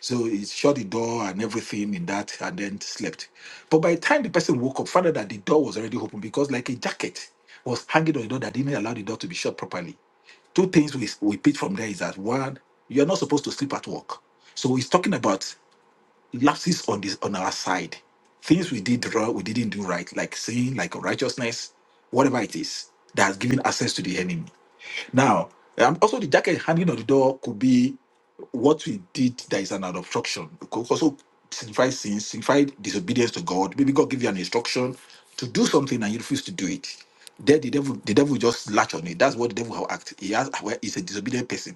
So he shut the door and everything in that, and then slept. But by the time the person woke up, found out that the door was already open because, like a jacket, was hanging on the door that didn't allow the door to be shut properly two things we, we pick from there is that one, you're not supposed to sleep at work. So he's talking about lapses on this on our side, things we did wrong, we didn't do right, like sin, like righteousness, whatever it is that has given access to the enemy. Now, um, also the jacket hanging on the door could be what we did that is an obstruction. It could also signify sin, signify disobedience to God. Maybe God give you an instruction to do something and you refuse to do it. Then the devil, the devil just latch on it. That's what the devil will act. He has, well, he's a disobedient person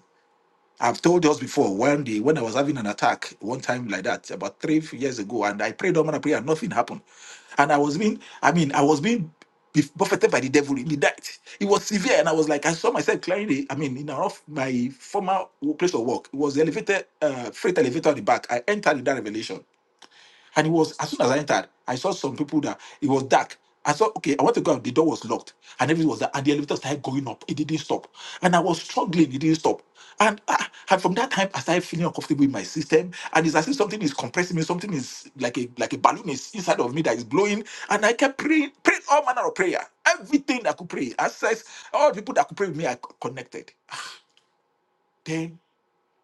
I've told us before one day when I was having an attack one time like that about three years ago, and I prayed on a prayer, and nothing happened. And I was being, I mean, I was being bef- buffeted by the devil in the night. It was severe, and I was like, I saw myself clearing I mean, in an off my former wo- place of work. It was the elevator, uh, freight elevator on the back. I entered in that revelation. And it was as soon as I entered, I saw some people that it was dark. I saw, okay, I want to go out. The door was locked. And everything was there. And the elevator started going up. It didn't stop. And I was struggling. It didn't stop. And, I, and from that time, I started feeling uncomfortable in my system. And it's as if something is compressing me. Something is like a like a balloon is inside of me that is blowing. And I kept praying, praying all manner of prayer. Everything I could pray. As I, says, all the people that could pray with me, I connected. Then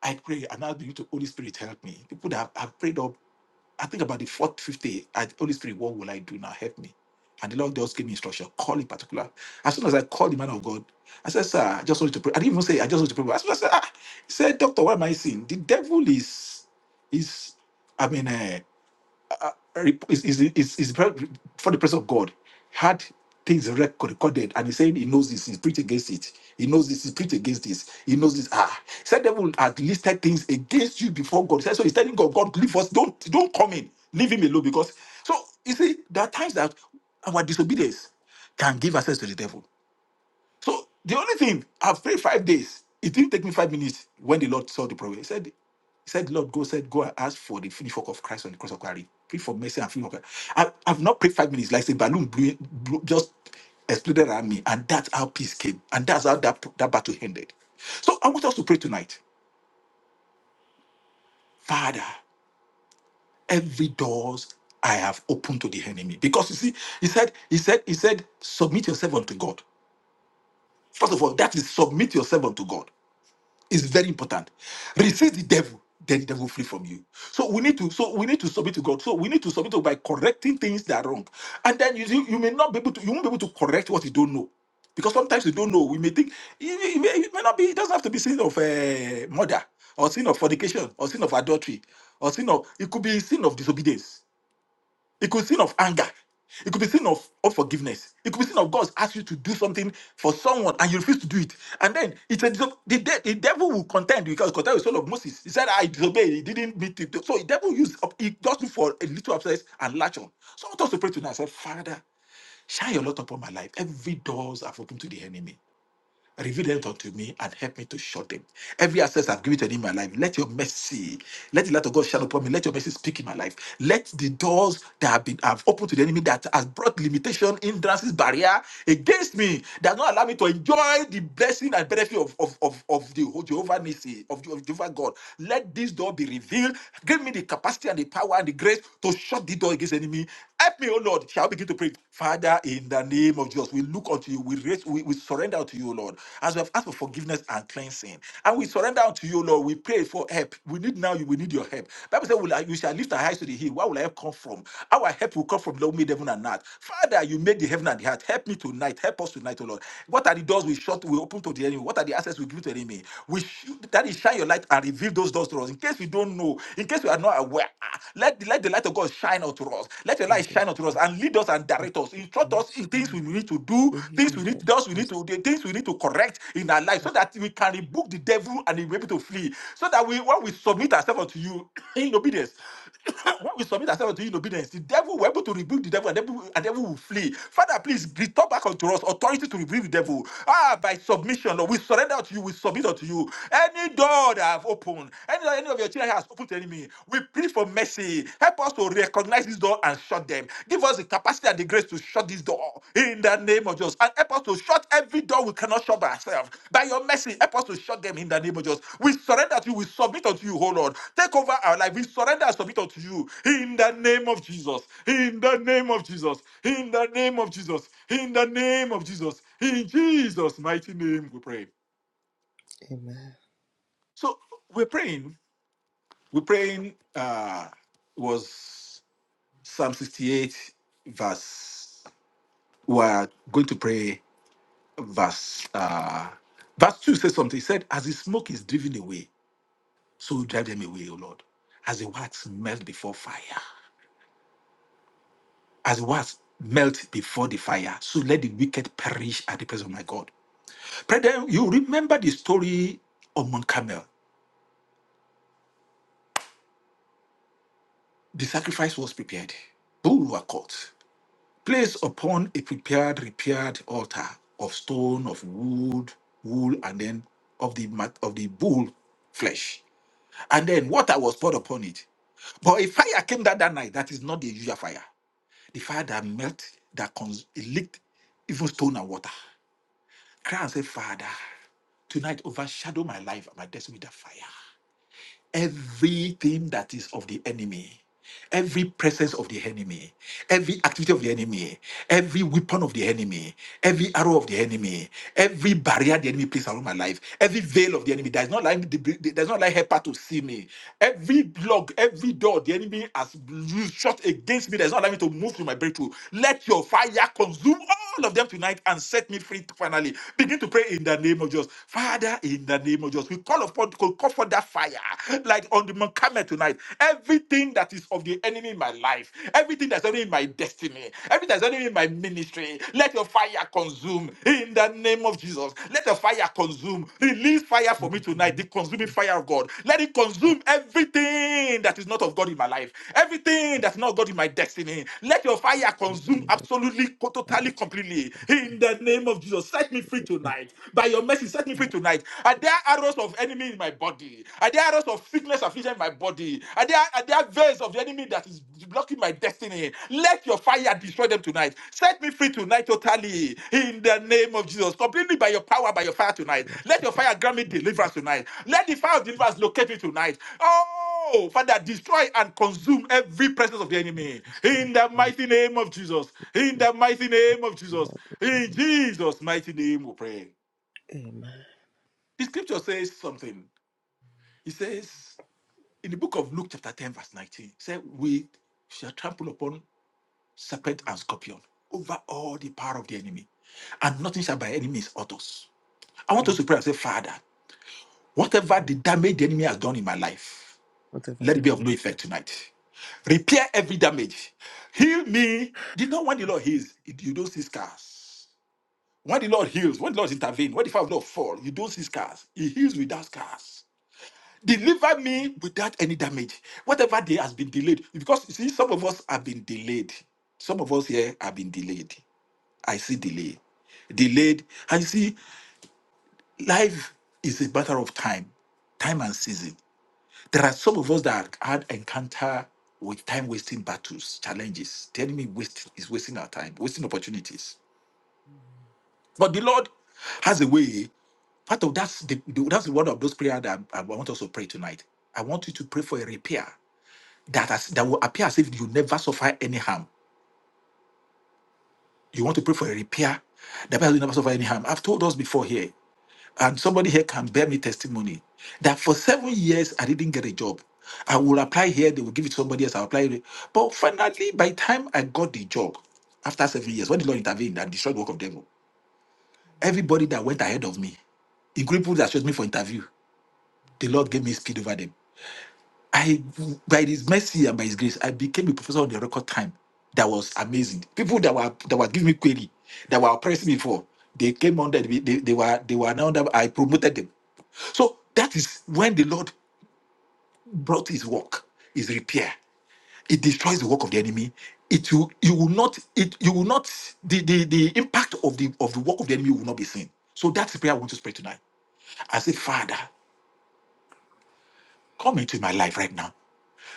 I pray and I begin to Holy Spirit help me. People that have, have prayed up I think about the fourth, fifth day, I, Holy Spirit, what will I do now? Help me. And the Lord just gave me instruction, call in particular. As soon as I called the man of God, I said, Sir, I just want you to pray. I didn't even say, I just want you to pray. As soon as I said, ah, he said, Doctor, what am I seeing? The devil is, is, I mean, uh, is, is, is, is for the presence of God, had things rec- recorded, and he's saying he knows this, he's preached against it. He knows this, he's preached against this. He knows this. Ah, he said devil had listed things against you before God. He said, so he's telling God, God, leave us. Don't don't come in. Leave him alone because so you see there are times that our disobedience can give access to the devil. So the only thing I've prayed five days. It didn't take me five minutes when the Lord saw the problem. He said, He said, Lord, go said, go and ask for the finished work of Christ on the cross of Calvary. Pray for mercy and free work. I, I've not prayed five minutes, like a balloon blew, blew, just exploded around me, and that's how peace came, and that's how that, that battle ended. So I want us to pray tonight, Father, every doors I have opened to the enemy, because you see, he said, he said, he said, submit yourself unto God. First of all, that is submit yourself unto God. It's very important. Resist the devil, then the devil will flee from you. So we need to, so we need to submit to God. So we need to submit to by correcting things that are wrong. And then you see, you may not be able to, you won't be able to correct what you don't know. Because sometimes you don't know. We may think it, it may, it may not be, it doesn't have to be sin of uh, murder or sin of fornication or sin of adultery or sin of it could be sin of disobedience. It could be sin of anger. It could be sin of unforgiveness. It could be sin of God's asked you to do something for someone and you refuse to do it. And then it's a, the, de- the devil will contend because contend with the son of Moses. He said, I disobeyed. He didn't meet it. So the devil used up, he just look for a little access and latch on. So I want us to pray tonight. I said, Father, shine your light upon my life. Every doors are open to the enemy. Reveal them unto me and help me to shut them. Every access I've given to in my life, let your mercy, let the light of God shine upon me. Let your mercy speak in my life. Let the doors that have been have opened to the enemy that has brought limitation, hindrances, barrier against me, that not allow me to enjoy the blessing and benefit of, of, of, of the whole Jehovah Nissi, of, Je- of Jehovah God. Let this door be revealed. Give me the capacity and the power power and the grace to shut the door against the enemy. Help me, oh Lord. Shall we begin to pray? Father, in the name of Jesus, we look unto you. We raise, we, we surrender to you, Lord, as we have asked for forgiveness and cleansing. And we surrender unto you, Lord. We pray for help. We need now you, we need your help. Bible says, "Will- we shall lift our eyes to the hill. Where will our help come from? Our help will come from the Lord made heaven and earth. Father, you made the heaven and the earth. Help me tonight. Help us tonight, O Lord. What are the doors? doors we shut, we open to the enemy? What are the access we give to the enemy? We should, that is, shine your light and reveal those doors to us. In case we don't know, in case we are not aware, ah, let, the- let the light of God shine unto us. Let the light shine unto us Amen. and lead us and direct us. Instruct and us in things shine. we need to do, We hid things we and direct need, doors we need us to, the things we need to correct in our life, so apart that we can rebuke the devil and he will be able to flee. So that we, when we submit ourselves unto you in obedience, when we submit ourselves to you in obedience, the devil will able to rebuke the devil and devil, and devil will flee. Father, please restore back unto us authority to rebuke the devil. Ah, by submission, Lord, we surrender to you, we submit unto you. Any door that I have opened, any door any of your children has opened to enemy, we plead for mercy. Help us to recognize this door and shut them. Give us the capacity and the grace to shut this door in the name of Jesus. And help us to shut every door we cannot shut by ourselves. By your mercy, help us to shut them in the name of Jesus. We surrender to you. We submit unto you, oh Lord. Take over our life. We surrender and submit unto you in the name of Jesus. In the name of Jesus. In the name of Jesus. In the name of Jesus. In Jesus' mighty name, we pray. Amen. So we're praying. We're praying uh was Psalm 68 verse. We are going to pray verse uh, verse 2 says something. He said, As the smoke is driven away, so you drive them away, O Lord. As the wax melts before fire, as the wax melts before the fire, so let the wicked perish at the presence of my God. Brethren, you remember the story of Mount Carmel. The sacrifice was prepared. Bull were caught, placed upon a prepared, repaired altar of stone, of wood, wool, and then of the mat- of the bull flesh And then water was poured upon it. But a fire came down that night that is not the usual fire. The fire that melt, that cons- it licked even stone and water. Cry and say, Father, tonight overshadow my life and my destiny with that fire everything that is of the enemy, every presence of the enemy, every activity of the enemy, every weapon of the enemy, every arrow of the enemy, every barrier the enemy places around my life, every veil of the enemy that is not like that is not like helper to see me, every log, every door the enemy has used shot against me that is not allowing me to move to my breakthrough. Let your fire consume all all of them tonight and set me free finally. Begin to pray in the name of Jesus. Father, in the name of Jesus, we call upon call call for that fire like on the Mount Carmel tonight. Everything that is of the enemy in my life, everything that's only in my destiny, everything that's only in my ministry, let your fire consume in the name of Jesus. Let your fire consume. Release fire for from for me the tonight name the of consuming the fire of God. Let it Father, consume everything that is not of God in my life, everything that is not of God in my destiny. Let your fire in the consume name of absolutely, totally, knowledge. completely. Yes, In the name of Jesus, set me free Lord. tonight. By your mercy, set me free tonight. Are We there arrows of enemy in my body? Are there arrows of sickness affliction in my body? Are there, are there veins of the enemy? enemy that is blocking my destiny. Let your fire destroy them tonight. Set me free tonight, totally. In the name of Jesus. Completely by your power, by your fire tonight. tell us Let your fire grant me to deliverance tonight. Let the fire of deliverance locate me tonight. Oh, Father, destroy and consume every presence of the enemy. the circle, In the we mighty name of Jesus. In praise the mighty the name of Jesus. Lord with In the Jesus' mighty name, we pray. name The scripture says something. It says in the book of Luke, chapter 10, verse 19, it said, We shall trample upon serpent and scorpion, over all the power of the enemy. And nothing shall by any means hurt us. I want us to Amen. pray and say, Father, of the whatever the Father. damage the enemy has done in my life, Whatever let it did be I of no make? effect tonight. Repair every damage. Heal me. Do you know when the Lord heals, you don't see scars. When the Lord heals, when the Lord intervenes, when the fire of the Lord fall, you don't see scars. He heals without scars. Deliver me without any damage. Whatever day has been delayed, because you see, some of us have been delayed. Some of us here have been delayed. I see delay. Delayed. And you see, life is a matter of time, time and season. There are some of us that had encounter with time wasting battles, challenges, the enemy waste is wasting our time, wasting opportunities. But the Lord has a way. Part of that's the the- that's the one of those prayers that I, I want us to pray tonight. I want you to pray for a repair that has, that will appear as if you never suffer any harm. You want to pray for a repair that appears as if you never suffer any harm. I've told us before here and somebody here can bear me testimony that for seven years I didn't get a job. I will apply here, they will give it to somebody else, I'll apply. it. But finally, by the time I got the job, after seven years, when the Lord intervened and destroyed the work of devil, everybody that went ahead of me, including people that chose me for interview, the Lord gave me speed over them. I, by His mercy and by His grace, I became a professor on the record time. That was amazing. People that were that were giving me query, that were oppressing me for, they came under. They, they, they were they were now. under- I promoted them. So that is when the Lord brought his work, his repair. It destroys the work of the enemy. It will you will not it you will not the, the, the impact of the of the work of the enemy will not be seen. So that's the prayer I want to pray tonight. I say, Father, come into my life right now.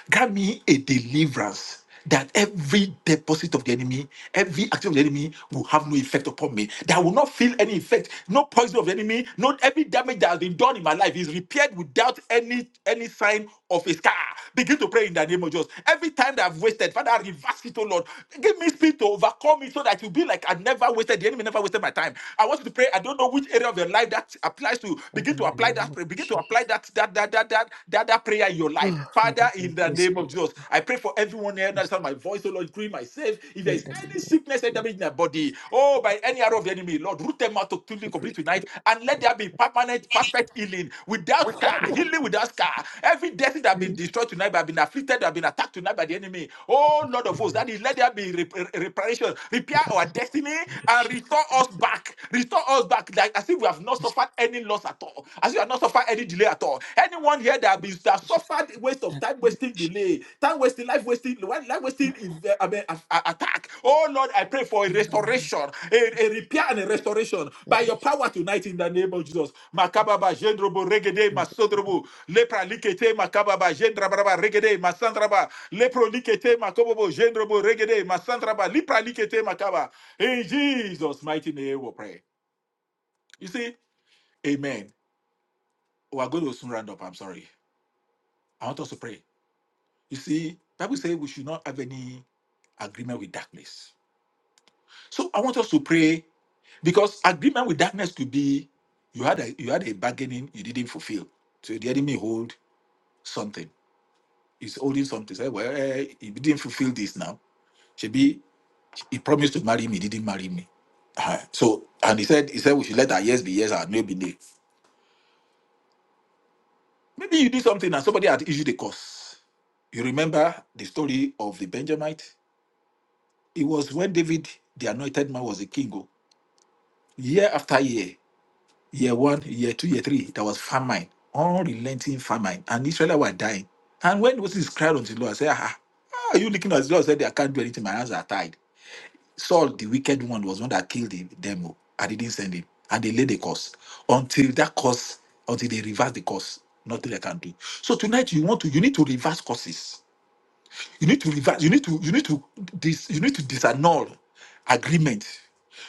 grant me a deliverance that every deposit of the enemy, every action of the enemy will have no effect upon me. That I will not feel any effect, no poison of the enemy, not every damage that has been done in my life is repaired without any any sign of a scar. Begin to pray in the name of Jesus. Every time that I've wasted, Father, reverse it, oh Lord. Give me speed to overcome it so that you'll be like I never wasted. The enemy never wasted my time. I want you to pray. I don't know which area of your life apply that applies to you. begin Father, to in the apply name that of prayer, begin to Jesus. apply that that that that that that, that prayer in your life. Oh, Father, Father, grant in the me name of speed. Jesus, Oh, I pray for everyone here that is Christ, my voice, oh Lord, including myself. If there in is the name any of sickness and damage in their body, Jesus. oh, by any arrow of the enemy, Lord, root them out totally complete Every tonight day. and let there be permanent, perfect healing without Father, in scar, the healing without scar. Every destiny that has name been destroyed tonight, that has been afflicted, that has been attacked tonight by the enemy. Oh Lord of hosts, of that Jesus. is let there be rep- reparation, repair Father, our let the destiny, and resurrection, restore the us back. Restore us back, like as if we have not suffered any loss at all, as if we have not suffered any delay at all. Anyone here that have been that resurrection, suffered waste of that time wasting resurrection. delay, time wasting, life wasting, life wasting is, uh, I mean, a- a- attack. Oh Lord, I pray for a Amen. restoration, a, a repair and a restoration by your power tonight in the name of Jesus. Makababa, Jendrobo, Regede, Masodrobo, Lepra, Likete, Makababa, Jendrabraba, Regede, Masandraba, Lepro likete makobobo jendrobo regede masandraba lipra likete makaba. In Jesus' mighty name we pray. You see, amen. We are going to soon round up. I'm sorry. I want us to pray. You see, Bible says we should not have any agreement with darkness. So I want us to pray because agreement with darkness could be you had a you had a bargaining you didn't fulfill. So the enemy hold something. He's holding something. Say, well, eh, he didn't fulfill this now. Should be. He promised to marry me, he didn't marry me. Ah, So and he said he said we should let our yes be yes and no be no. Maybe you did something and somebody had issued a curse. You remember the story of the Benjamite? It was when David, the anointed man, was a king. oh. Year after year, year one, year two, year three, there was famine, unrelenting famine, and Israel were dying. And when Moses cried unto the Lord, I said, ah, ah, are you looking at the Lord? said, I can't do anything, my hands are tied. Saul, the wicked one, was one that killed him, them. oh. I didn't send him. And they laid the curse. Until that curse, until they reverse the curse, nothing they can do. So tonight you want to, you need to reverse curses. You need to reverse, you need to, you need to this, you need to disannul agreement.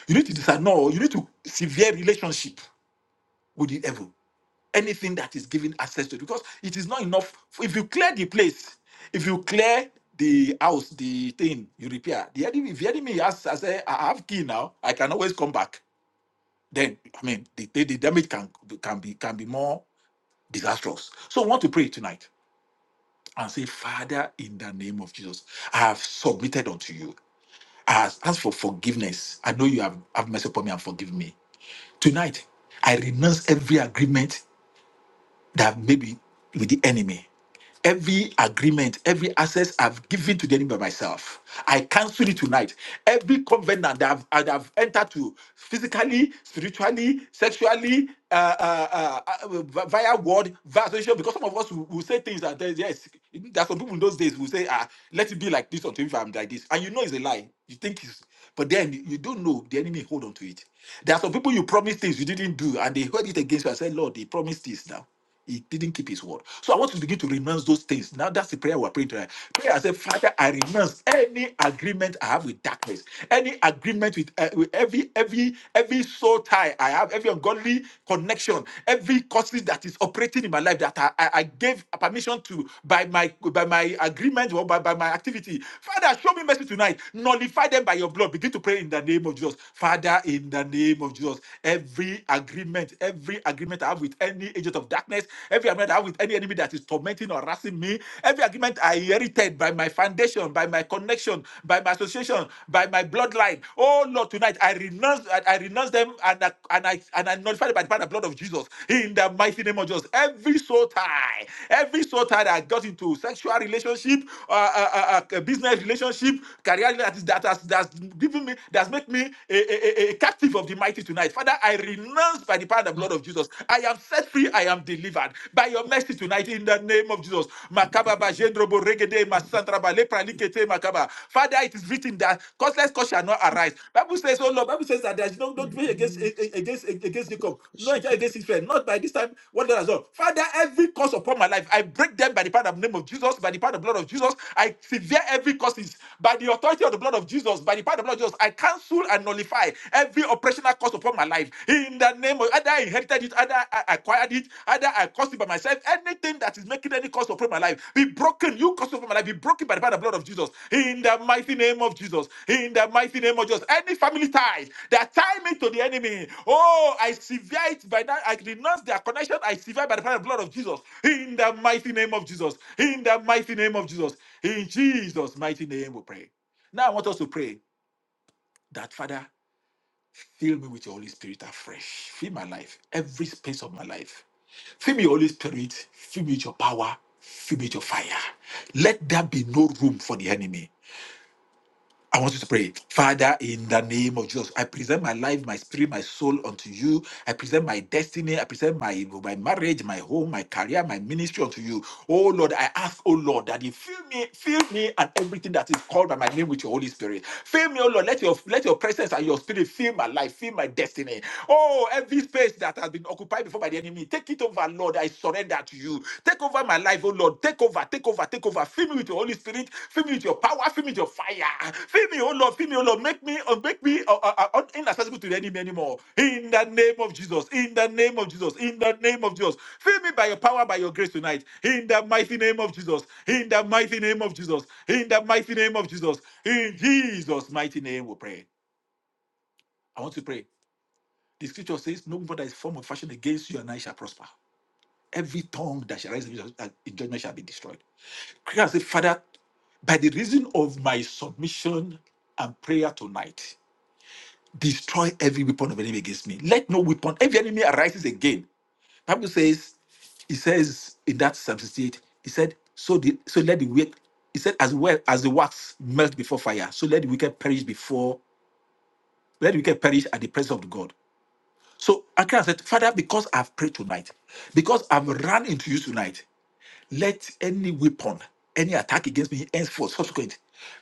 You need to disannul, you need to sever relationship with the devil anything that is given access to because it is not enough if you clear the place if you clear the house the thing you repair the enemy if the enemy has I say i have key now i can always come back then i mean the, the, the damage can can be can be more disastrous so i want to pray tonight and say father in the name of jesus i have submitted unto you i have asked for forgiveness i know you have have mercy upon me and forgive me tonight i renounce every agreement that maybe with the enemy. Every agreement, every access I've given to the enemy by myself, I cancel it tonight. Every covenant that I've, that I've entered to, physically, spiritually, sexually, uh, uh, uh, uh, via word, via association, because some of us will, will say things that, there's- yes, there are some people in those days who say, ah, let it be like this until if I'm like this. And you know it's a lie. You think it's, but then you don't know the enemy hold on to it. There are some people you promise things you didn't do, and they heard it against you and said, Lord, they promised this now. He didn't keep his word. So I want you to begin to renounce those things. Now that's the prayer we're praying tonight. Prayer I say, Father, I renounce any agreement I have with darkness, any agreement with, uh, with every every every soul tie I have, every ungodly connection, every causes that is operating in my life that I, I, I gave permission to by my by my agreement or by, by my activity. Father, show me mercy tonight. Nullify them by your blood. Begin to pray in the name of Jesus. Father, in the name of Jesus every agreement, every agreement I have with any agent of darkness, every agreement I have with any enemy that is tormenting or harassing me, every agreement I inherited by my foundation, by my connection, by my association, by my bloodline. Oh Lord, tonight I renounce, I, I renounce them and I and I and I notify them by the power and blood of Jesus. In the mighty name of Jesus, every soul tie, every soul tie that I got into sexual relationship, uh, uh, uh, uh, business relationship, career that is that has that given me, that's made me a, a, a a captive of the mighty tonight. Father, I renounce by the power and the blood of Jesus. I am set free. I am delivered by your mercy tonight in the name of Jesus. Makaba ba jendrobo regede masantraba lepra makaba. Father, it is written that causeless cause shall not arise. Bible says, oh Lord, Bible says that there is no no dwelling against against against Jacob, no angel against Israel. Not by this time, one that has Father, every cause upon my life, I break them by the power of the name of Jesus, by the power of the blood of Jesus. I severe every curses by the authority of the blood of Jesus, by the power of the blood of Jesus. I cancel and nullify every operational curse upon my life in the name of either I inherited it, either I acquired it, either I caused it by myself. Anything that is making any curse upon my life be broken. You curse upon my life be broken by the power of the blood of Jesus in the mighty name of Jesus. In the mighty name of Jesus, any family ties that tie me to the enemy, oh, I sever it by that. I renounce their connection. I sever by the power of the blood of Jesus. In the mighty name of Jesus. In the mighty name of Jesus. In Jesus' mighty name we pray. Now I want us to pray that Father, fill me with your Holy Spirit afresh. Fill my life, every space of my life. Fill me, Holy Spirit. Fill me with your power. Fill me with your fire. Let there be no room for the enemy. I want you to pray, Father, in the name of Jesus, I present my life, my spirit, my soul unto you. I present my destiny, I present my, my marriage, my home, my career, my ministry unto you. Oh Lord, I ask, oh Lord, that you fill me, fill me and everything that is called by my name with your Holy Spirit. Fill me, oh Lord, let your let your presence and your spirit fill my life, fill my destiny destiny. Oh, every space that has been occupied before by the enemy, take it over, Lord. I surrender to you. Take over my life, oh Lord. Take over, take over, take over. Fill me with your Holy Spirit. Fill me with your power. Fill me with your fire. Fill me, oh Lord. Fill me, oh Lord. Make me, uh, make me uh, uh, uh, inaccessible to the enemy anymore. In the name of Jesus. In the name of Jesus. In the name of Jesus. Fill me by your power, by your grace tonight. In the mighty name of Jesus. In the mighty name of Jesus. In the mighty name of Jesus. In Jesus' mighty name, we pray. I want to pray. The scripture says, No weapon that is formed or fashioned against you and I shall prosper. Every tongue that shall rise in judgment uh, shall be destroyed. Christ said, Father, by the reason of my submission and prayer tonight, destroy every weapon of enemy against me. Let no weapon, every enemy arises again. Bible says, he says in that Psalm 68, he said, so the, so let the wicked, he said, as well as the wax melt before fire, so let the wicked perish before, let the wicked perish at the presence of God. So Akira said, Father, because I've prayed tonight, because I've run into you tonight, let any weapon, any attack against me, henceforth, subsequent,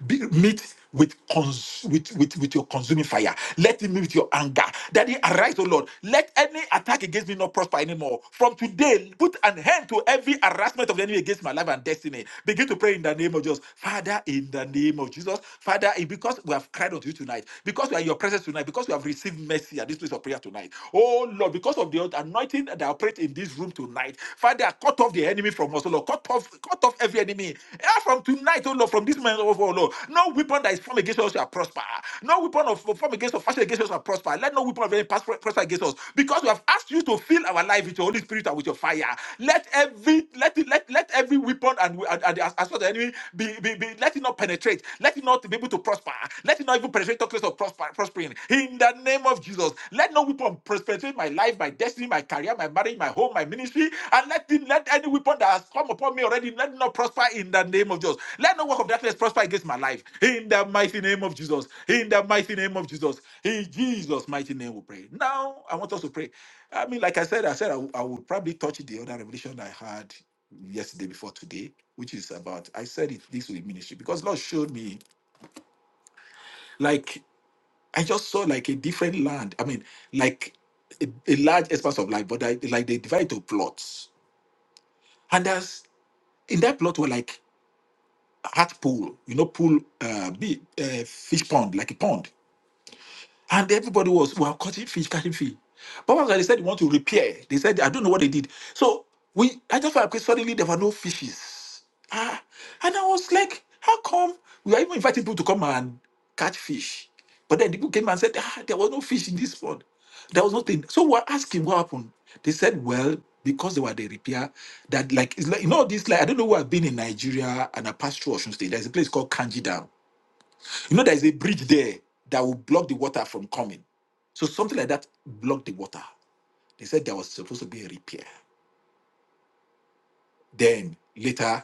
be, meet with, cons- with, with, with your consuming fire. Let it meet with your anger. Daddy, arise, O Lord. Let any attack against me not prosper anymore. From today, put an end to every harassment of the enemy against my life and destiny. Begin to pray in the name of Jesus. Father, in the name of Jesus. Father, because we have cried unto you tonight, because we are in your presence tonight, because we have received mercy mercy at this place of prayer tonight. Oh Lord, because of the anointing that operates in this room tonight, Father, cut off the enemy from us, oh Lord. Cut off, cut off every enemy. Eh, From tonight, oh Lord, from this moment, oh Lord, no weapon that is formed against us shall prosper. No weapon of formed against us, fashioned against us shall prosper. Let no weapon of any past prosper against us. Because we have asked you to fill our life with your Holy Spirit and with your fire. Let every let let let every weapon and, and, and as, as well as any be, be, be, be- let it not penetrate. Let it not be able to prosper. Let it not even penetrate talk less of prosper, prospering. In the name of Jesus, let no weapon penetrate my life, my destiny, my career, my marriage, my home, my ministry, and let it, let any weapon that has come upon me already let it not prosper in the name of Jesus. Let no work of darkness prosper against my life. In the mighty name of Jesus. In the mighty name of Jesus. In Jesus' mighty name, we pray. Now I want us to pray. I mean, like I said, I said I w- I would probably touch the other revelation I had yesterday before today, which is about I said it this way ministry because Lord showed me like I just saw like a different land. I mean, like a, a large expanse of land, but I, like they divide to plots, and there's in that plot were like heart pool, you know, pool uh, big uh, fish pond, like a pond. And everybody was, well, cutting fish, cutting fish. But once they said they want to repair, they said, I don't know what they did. So we, I just found out suddenly there were no fishes. Ah, and I was like, how come we are even inviting people to come and catch fish? But then the people came and said, ah, there was no fish in this pond. There was nothing. So we're asking what happened. They said, well, because they were the repair, that like, it's like you know, this like I don't know where I've been in Nigeria and I passed through Ocean State. There's a place called Kanji Dam. You know, there's a bridge there that will block the water from coming. So something like that blocked the water. They said there was supposed to be a repair. Then later,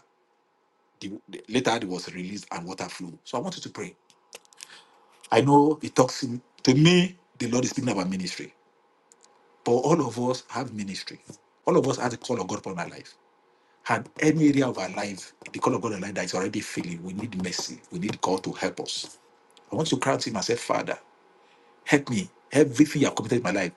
the, later it was released and water flew. So I wanted to pray. I know it talks in- to me. The Lord is speaking about ministry, but all of us have ministry. All of us have the call of God upon our life. And any area of our life, the call of God in our life that is already failing, we need mercy. We need God to help us. I want to cry to Him and say, Father, help me. Everything you have committed in my life.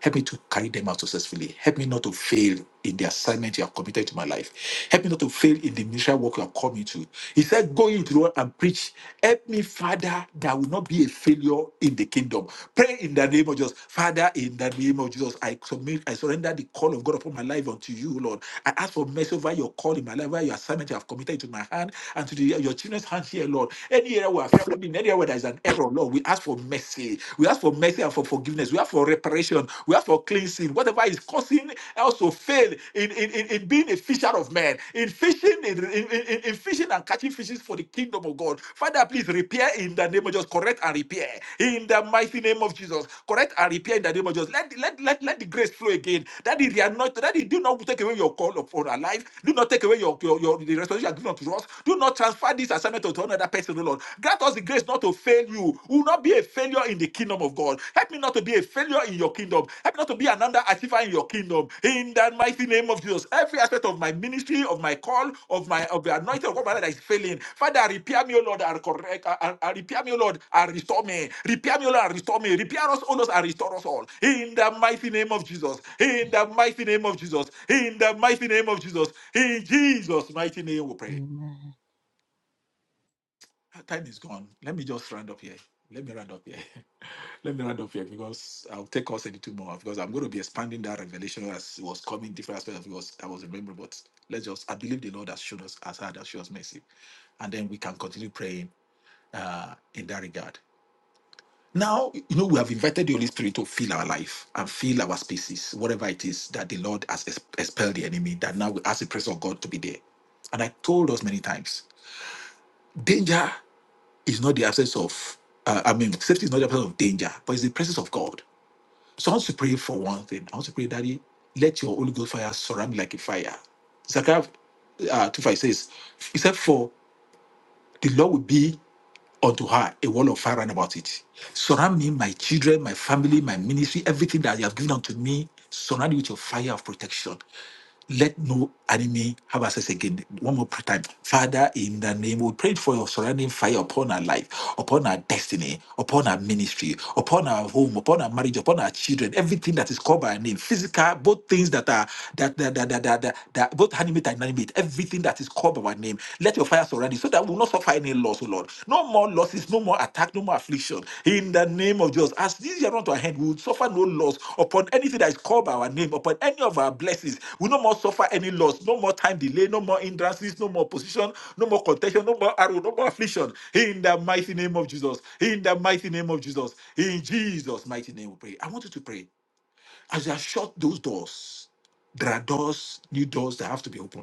Help me to carry them out successfully. Help me not to fail in the assignment you have committed to my life. Help me not to fail in the ministerial work you have called me to. He said, Go into the world and preach. Help me, Father, that I will not be a failure in the kingdom. Pray in the name of Jesus. Father, in the name of Jesus, I submit, I surrender the call of God upon my life unto you, Lord. I ask for mercy over your call in my life, over your assignment you have committed to my hand and to the, your children's hands here, Lord. Any area where we are failing, any area where there is an error, Lord, we ask for mercy mercy. We ask for mercy and for forgiveness. We ask for reparation. We ask for cleansing. Whatever is causing us to fail in, in, in, in being a fisher of men, in fishing, in, in, in, in fishing and catching fishes for the kingdom of God. Father, please repair in the name of Jesus. Correct and repair in the mighty name of Jesus. Correct and repair in the name of Jesus. Let, let, let, let the grace flow again. That is the anointing. That is, do not take away your call upon our life. Do not take away your, your, your the restoration you given unto us. Do not transfer this assignment to another person, O Lord. Grant us the grace not to fail you. We will not be a failure in the kingdom of God. Help me not to be a failure in your kingdom. Help me not to be an underachiever in your kingdom. In the mighty name of Jesus, every aspect of my ministry, of my call, of my of the anointing of God my life that is failing. Father, repair me, O Lord, and correct. uh, And, and repair me, O Lord, and restore me. Repair me, O Lord, and restore me. Repair us, O Lord, and restore us all. In the mighty name of Jesus. In the mighty name of Jesus. In the mighty name of Jesus. In Jesus' mighty name, we pray. Ah, Time is gone. Let me just round up here. Let me round up here. Let me round up here because I'll take us 32 more because I'm going to be expanding that revelation as it was coming different aspects of it was I was remembering. But let's just I believe the Lord has shown us as had has shown us mercy. And then we can continue praying uh in that regard. Now, you know, we have invited the Holy Spirit to fill our life and fill our spaces, whatever it is that the Lord has ex- expelled the enemy, that now we ask the presence of God to be there. And I told us many times, danger. is not the absence of, uh, I mean, safety is not the absence of danger, but it's the presence of God. So I want to pray for one thing. I want to pray, Daddy, let your Holy Ghost fire surround me like a fire. Zechariah uh, 2 5 says, He said, For the Lord will be unto her a wall of fire round about it. Surround me, my children, my family, my ministry, everything that you have given unto me, surround it with your fire of protection let no enemy have access again. One more prayer time. Father, in the name, we pray for your surrounding fire upon our life, upon our destiny, upon our ministry, upon our home, upon our marriage, upon our children, everything that is called by our name, physical, both things that are that that that that, that, that, that both animate and inanimate, everything that is called by our name. Let your fire surround it so that we will not suffer any loss, O Lord. No more losses, no more attack, no more affliction. In the name of Jesus, as this year unto our hand, we will suffer no loss upon anything that is called by our name, upon any of our blessings. We no more suffer any loss, no more time delay, no more hindrances, no more opposition, no more contention, no more arrow, no more affliction. In the mighty name of Jesus, in the mighty name of Jesus, in Jesus' mighty name, we pray. I want you to pray as you have shut those doors. There are doors, new doors that have to be opened.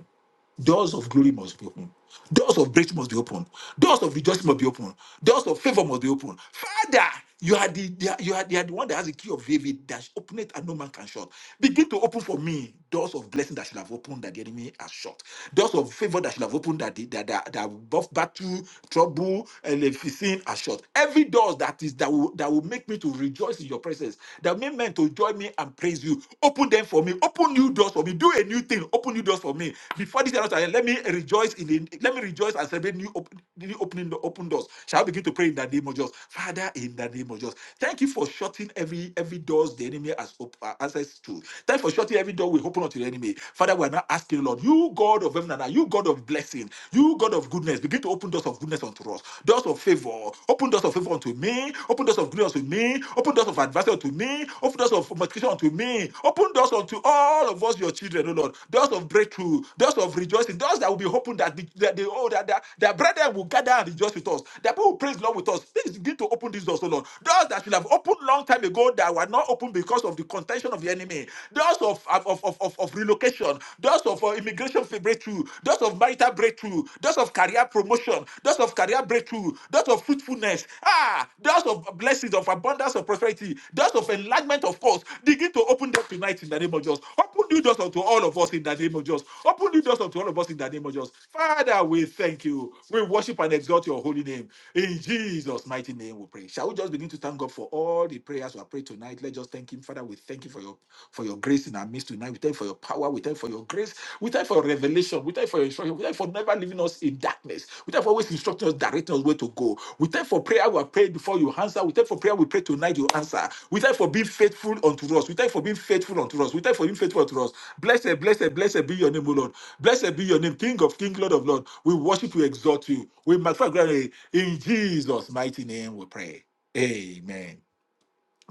Doors of glory must be open. Doors of breakthrough must be open. Doors of rejoicing must be open. Doors of favor must be open. Father, you are the the- you are, you are the one that has the key of David that open it and no man can shut. Begin to open for me doors of blessing that should have opened that the enemy has shut. Doors of favor that should have opened that the, that, that, that both battle, trouble, and the sin are shut. Every door that is that will that will make me to rejoice in your presence, that will make men to join me and praise you. Open them for me. Open new doors doors for me. Do a new thing. Open new doors for me. Before this year, ends, I- let me rejoice in the, let me rejoice and celebrate new, op- new opening the open doors. Shall I begin to pray in the name of Jesus, Father, in the name of Jesus. Thank you for shutting every every doors the enemy has op- uh, access to. Thank you for shutting every door we open unto the enemy. Father, we are now asking, Lord, you God of heaven and earth, you God of blessing, you God of goodness, begin to open doors of goodness unto us, doors of favor, open doors of favor unto me, open doors of goodness unto me, open doors of adversity unto me, open doors of for multiplication unto me. Open doors unto all of us, your children, O Lord. Doors of breakthrough, doors of rejoicing, doors that will be opened that the, that the, oh, that, that, that brethren will gather and rejoice with us. That people will praise the Lord with us. Please begin to open these doors, O Lord. Doors that should have opened long time ago that were not opened because of the contention of the enemy. Doors of, of, of, of, of of relocation, doors of uh, immigration breakthrough, doors of marital breakthrough, doors of career promotion, doors of career breakthrough, doors of fruitfulness, ah, doors of blessings of of abundance of prosperity, doors of enlargement of force, begin to open them tonight in the name of Jesus. Open new doors unto all of us in the name of Jesus. Open new doors unto all of us in the name of Jesus. Father, we thank you. We worship and exalt your holy name. In Jesus' mighty name we pray. Shall we just begin to thank God for all the prayers we have prayed tonight? Let's just thank him. Father, we thank you for your for your grace in our midst tonight. We thank you for your power. We thank you for your grace. We thank you for your revelation. We thank you for your instruction. We thank you for never leaving us in darkness. We thank you for always instructing us, directing us where to go. We thank for prayer we have prayed before you answer. We thank for prayer we pray tonight you answer. We thank for being faithful unto us. We thank for being faithful unto us. We thank for being faithful unto us. Blessed, blessed, blessed be your name, O Lord. Blessed be your name, King of King, Lord of Lord. We worship you, exalt you. We magnify your name. in Jesus' mighty name. We pray. Amen.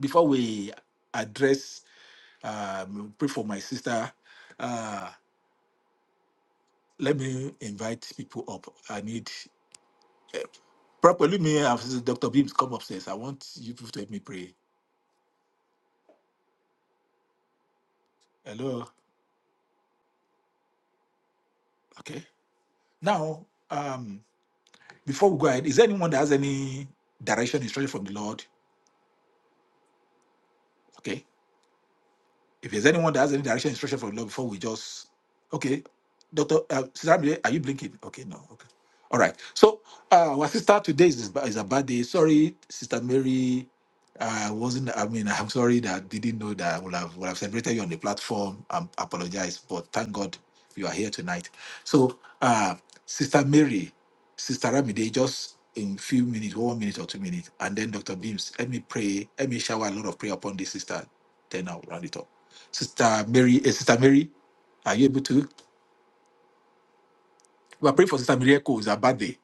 Before we address, um, pray for my sister. Uh, let me invite people up. I need. Properly, me, Dr. Beams, come upstairs. I want you people to help me pray. Hello. Okay. Now, um, before we go ahead, is there anyone that has any direction instruction from the Lord? Okay. If there's anyone that has any direction instruction from the Lord before we just okay. Doctor, uh, Sister Amire, are you blinking? Okay, no. Okay. All right. So, uh, our sister today is, is a bad day. Sorry, Sister Mary. I wasn't, I mean, I'm sorry that I didn't know that I would have, would have celebrated you on the platform. I apologize, but thank God you are here tonight. So, uh, Sister Mary, Sister Ramide, just in few minutes, one minute or two minutes, and then Dr. Beams, let me pray, let me shower a lot of prayer upon this sister. Then I'll round it up. Sister Mary, eh, Sister Mary, are you able to? We are praying for Sister Miracle's her birthday.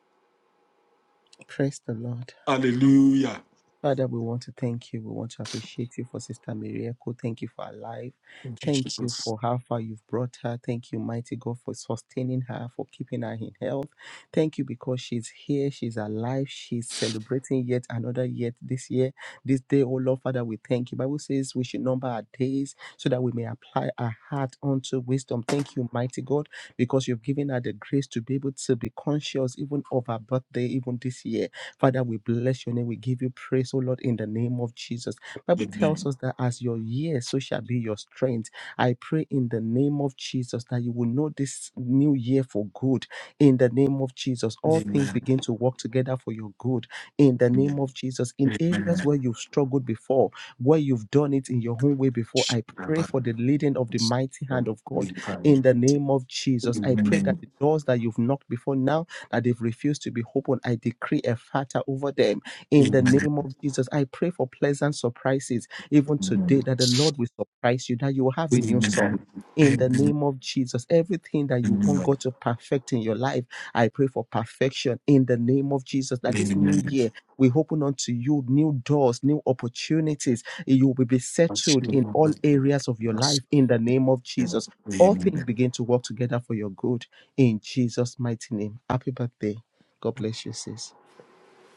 Praise the Lord. Hallelujah. Father, we want to thank you. We want to appreciate you for Sister Miracle. Thank you for her life. Thank you, Thank you Jesus. for how far you've brought her. Thank you, mighty God, for sustaining her, for keeping her in health. Thank you because she's here, she's alive, she's celebrating yet another yet this year, this day. Oh Lord, Father, we thank you. Bible says we should number our days so that we may apply our heart unto wisdom. Thank you, mighty God, because you've given her the grace to be able to be conscious even of her birthday, even this year. Father, we bless your name. We give you praise, O Lord, in the name of Jesus. Bible tells us that as your year, so shall be your strength. I pray in the name of Jesus that you will know this new year for good. In the name of Jesus, all things begin to work together for your good. In the name Amen. of Jesus, in areas Amen. where you've struggled before, where you've done it in your own way before, I pray for the leading of the mighty hand of God. We pray. In Amen. the name of Jesus, I pray that Amen. the doors that you've knocked before now that they've refused to be open. I decree a fatter over them in the Amen. name of Jesus. I pray for pleasant surprises even today that the Lord will surprise you, that you will have a new Amen. song. In the name of Jesus, everything that you want God to perfect in your life, I pray for perfection in the name of Jesus. Amen. That this new Amen. year we open unto you new doors, new opportunities. You will be settled in all areas of your life in the name of Jesus. All things Amen. begin to work together for your good in Jesus' mighty name. Happy birthday. God bless you, sis.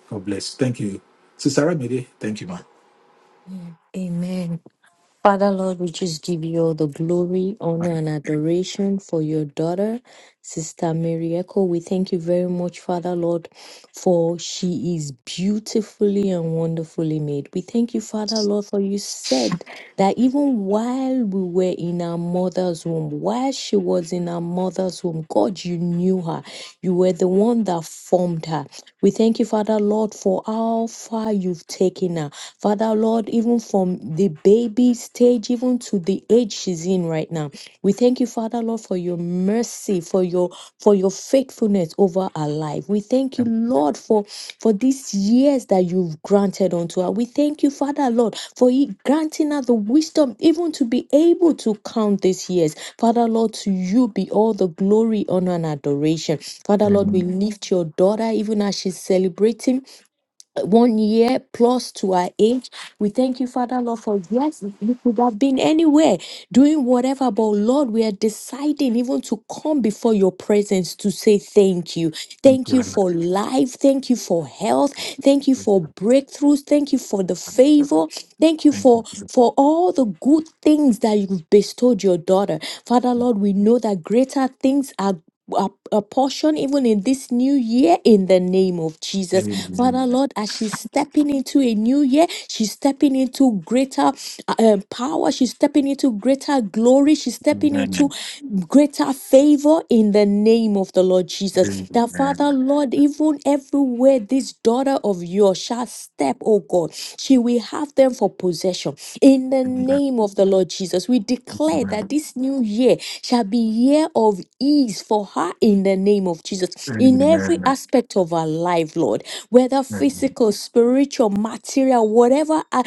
God bless. Thank you. Sister Ramide, thank you, man. Yeah. Amen. Father Lord, we just give you all the glory, honor, and adoration for your daughter, Sister Mary Echo. We thank you very much, Father Lord, for she is beautifully and wonderfully made. We thank you, Father Lord, for you said that even while we were in our mother's womb, while she was in our mother's womb, God, you knew her. You were the one that formed her. We thank you, Father Lord, for how far you've taken her. Father Lord, even from the baby stage, even to the age she's in right now. We thank you, Father Lord, for your mercy, for your for your faithfulness over our life. We thank you, Lord, for for these years that you've granted unto us. We thank you, Father Lord, for you granting us the wisdom even to be able to count these years. Father Lord, to you be all the glory, honor, and adoration. Father Lord, we lift your daughter even as she's celebrating one year plus to our age. We thank you, Father Lord, for yes, we could have been anywhere doing whatever, but Lord, we are deciding even to come before your presence to say thank you. Thank you for life. Thank you for health. Thank you for breakthroughs. Thank you for the favor. Thank you for for all the good things that you've bestowed your daughter. Father Lord, we know that greater things are a, a portion even in this new year in the name of Jesus. Father Lord, as she's stepping into a new year, she's stepping into greater uh, um, power, she's stepping into greater glory, she's stepping Amen. into greater favor in the name of the Lord Jesus. That Father Lord, even everywhere this daughter of yours shall step, oh God, she will have them for possession in the name of the Lord Jesus. We declare that this new year shall be year of ease for her in the name of Jesus. In every Amen. aspect of her life, Lord, whether physical, spiritual, material, whatever, uh,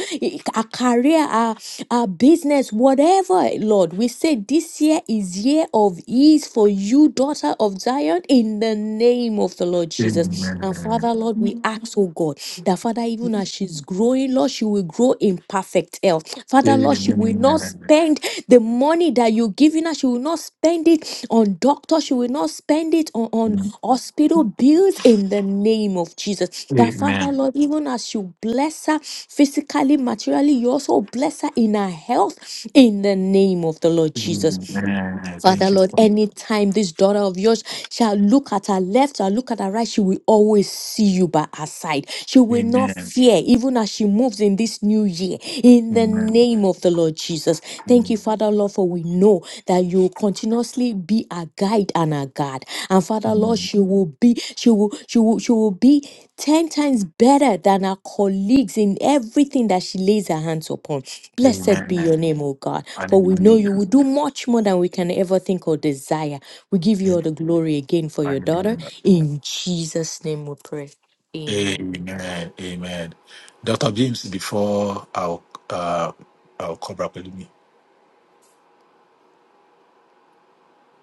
a career, a, a business, whatever, Lord, we say this year is year of ease for you, daughter of Zion, in the name of the Lord Jesus. And Father, Lord, we ask, oh God, that Father, even as she's growing, Lord, she will grow in perfect health. Father, Lord, she will not spend the money that you're giving her. She will not spend it on doctors. She will not spend it on, on hospital bills in the name of Jesus. That Father, Amen. Lord, even as you bless her physically, materially, you also bless her in her health in the name of the Lord Jesus. Amen. Father Thank you. Lord, anytime this daughter of yours shall look at her left, shall look at her right, she will always see you by her side. She will not Amen. fear, even as she moves in this new year. In the Amen. name of the Lord Jesus. Thank you, Father Lord, for we know that you continuously be our guide and our God. And Father Lord, she will be, she will, she will, she will be 10 times better than our colleagues in everything that she lays her hands upon. Blessed be Amen. your name, O God. For we know Hallelujah. you will do much more than we can ever think or desire. We give you all the glory again for your daughter. Amen. In Jesus' name we pray. Amen. Amen. Amen. Dr. James, before our uh our cobra with me.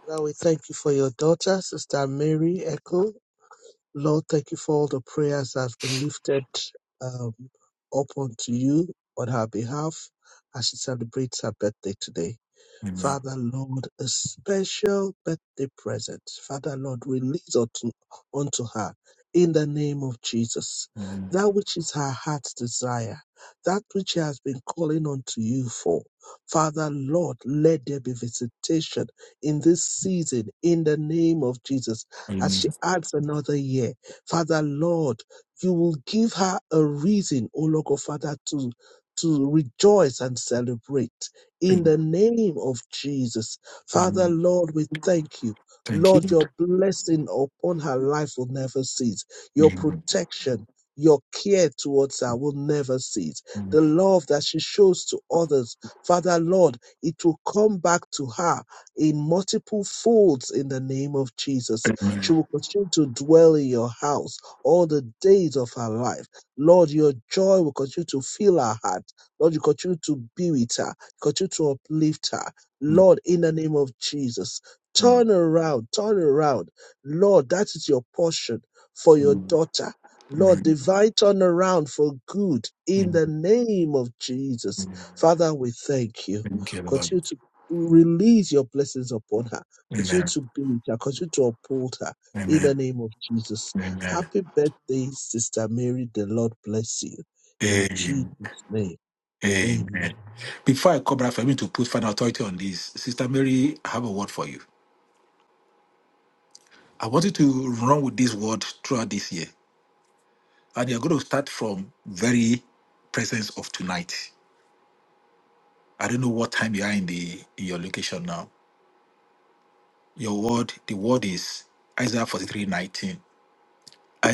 Father, we thank you for your daughter, Sister Mary Echo. Lord, thank you for all the prayers that have been lifted um, up unto you on her behalf as she celebrates her birthday today. Father Lord, a special birthday present. Father Lord, release unto, unto her in the name of Jesus that which is her heart's desire, that which she has been calling unto you for. Father Lord, let there be visitation in this season in the name of Jesus as Amen. she adds another year. Father Lord, you will give her a reason, O Lord God Father, to to rejoice and celebrate in Amen. the name of Jesus. Father, Amen. Lord, we thank you. Thank you. Lord, your blessing upon her life will never cease. Your Amen. protection, your care towards her will never cease. Amen. The love that she shows to others, Father, Lord, it will come back to her in multiple folds in the name of Jesus. She will continue to dwell in your house all the days of her life. Lord, your joy will continue to fill her heart. Lord, you continue to be with her. Continue to uplift her. Lord, in the name of Jesus, turn Amen. around, turn around. Lord, that is your portion for your daughter. Lord, divine turn around for good in the name of Jesus. Father, we thank you. Continue to release your blessings upon her. Continue to be with her. Continue to uphold her in the name of Jesus. Amen. Happy birthday, Sister Mary. The Lord bless you. In Jesus' name, Amen. amen. Before I cobra for me to put final authority on this, Sister Mary, I have a word for you. I want you to run with this word throughout this year. And you're going to start from very presence of tonight. I don't know what time you are in the in your location now, Your word, the word is Isaiah 43 19.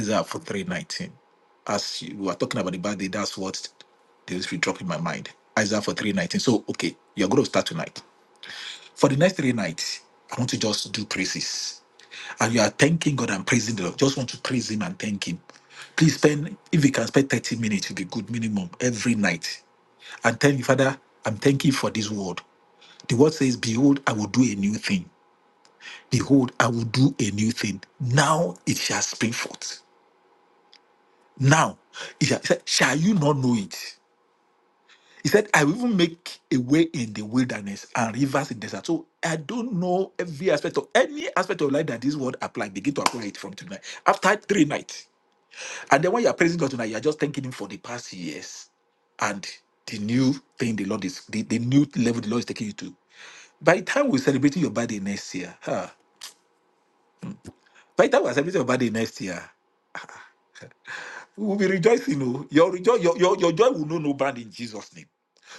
Isaiah 43 19. As you were talking about the bad day, that's what the Holy Spirit dropped in my mind. Isaiah 43 19. So, okay, you're going to start tonight. For the next three nights, I want to just do praises. And you are thanking God and praising the Lord. Just want to praise Him and thank Him. Please spend, if you can spend 30 minutes, it will be good minimum every night. And tell me, Father, I'm thanking you for this word. The word says, Behold, I will do a new thing. Behold, I will do a new thing. Now it shall spring forth. Now, it shall, he said, shall you not know it? He said, I will even make a way in the wilderness and rivers in the desert. So I don't know every aspect of any aspect of life that this word applies. Begin to apply it from tonight. After three nights. And then when you are praising God tonight, you are just thanking him for the past years and the new thing the Lord is the, the new level the Lord is taking you to. By the time we're celebrating your birthday next year, huh? By the time we're celebrating your birthday next year, We will be rejoicing. oh. Your, rejo- your, your, your joy will know no bound in Jesus' name.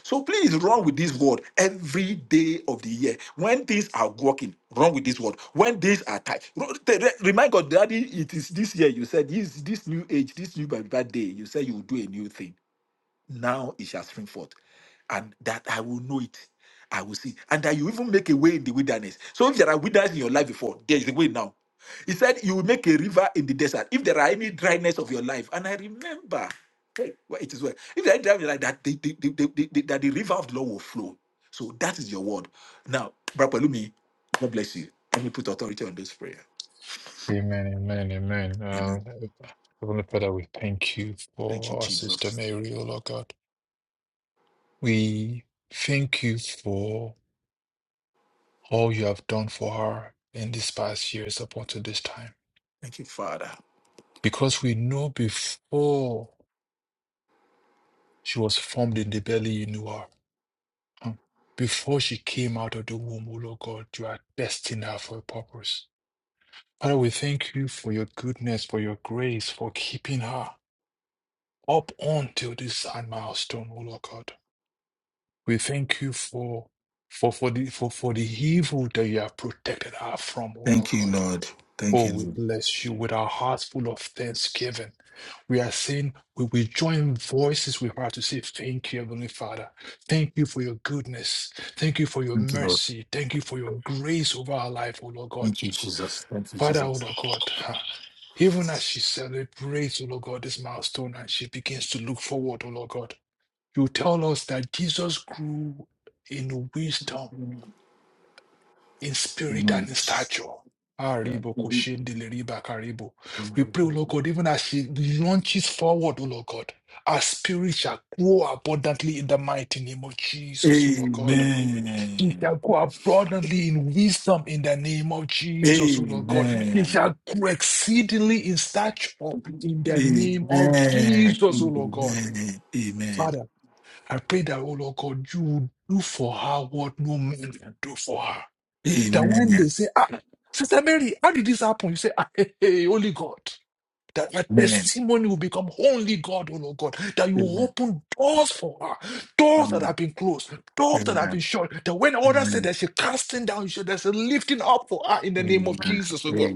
So please run with this word every day of the year. When things are working, run with this word. When things are tight, ru- te- re- remind God, Daddy, it is this year you said, this, this new age, this new by by day. you said you will do a new thing. Now it shall spring forth and that I will know it. I will see. And that you even make a way in the wilderness. So if there are wilderness in your life before, there is a way now. He said, You will make a river in the desert if there are any dryness of your life. And I remember, hey, well, it is well. If there are any dryness like that, the, the, the, the, the, that the river of the Lord will flow. So that is your word. Now, Brother Brapalumi, God bless you. Let me put authority on this prayer. Amen, amen, amen. Uh, Amen. Heavenly Father, we thank you Thank you, for our sister Jesus. Mary, O Lord God. We thank you for all you have done for her in these past years up until this time. Because we know before she was formed in the belly, you knew her. Hmm. Before she came out of the womb, O Lord God, you are destined her for a purpose. Father, we thank you for your goodness, for your grace, for keeping her up until this milestone, O Lord God. We thank you for for for the for, for the evil that you have protected us from, O Lord God. Oh, we Amen. bless you with our hearts full of thanksgiving. We are saying we, we join voices with her to say thank you, Heavenly Father. Thank you for your goodness. Thank you for your Thank you, Lord. mercy. Thank you for your grace over our life, O Lord God. Thank you, Jesus. Thank you, Father, O Jesus. Lord God. huh, Even as she celebrates, O Lord God, this milestone and she begins to look forward, O Lord God. You tell us that Jesus grew in wisdom, in spirit, and Amen. in stature. Ah, Ribo, Amen. Koshendele, Riba, Karibo. We pray, O Lord God, even as she launches forward, O Lord God, our spirit shall grow abundantly in the mighty name of Jesus, O Lord God. It Amen. shall grow abundantly in wisdom in the name of Jesus, O Lord God. It Amen. shall grow exceedingly in stature in Amen. the name of Amen. Jesus, O Lord God. Amen. Father. I pray that, oh Lord God, you will do for her what no man can do for her. That when they Amen. say, ah, Sister Mary, how did this happen? You say, ah, hey, hey, only God. That her Amen. Amen. Amen. Amen. Amen. Amen. Amen. testimony will become only God, oh Lord God. That you will open doors for her, doors that have Amen. been closed, doors that have been shut. That when others say that she's casting down, you should there's a lifting up for her in the name of Jesus, oh God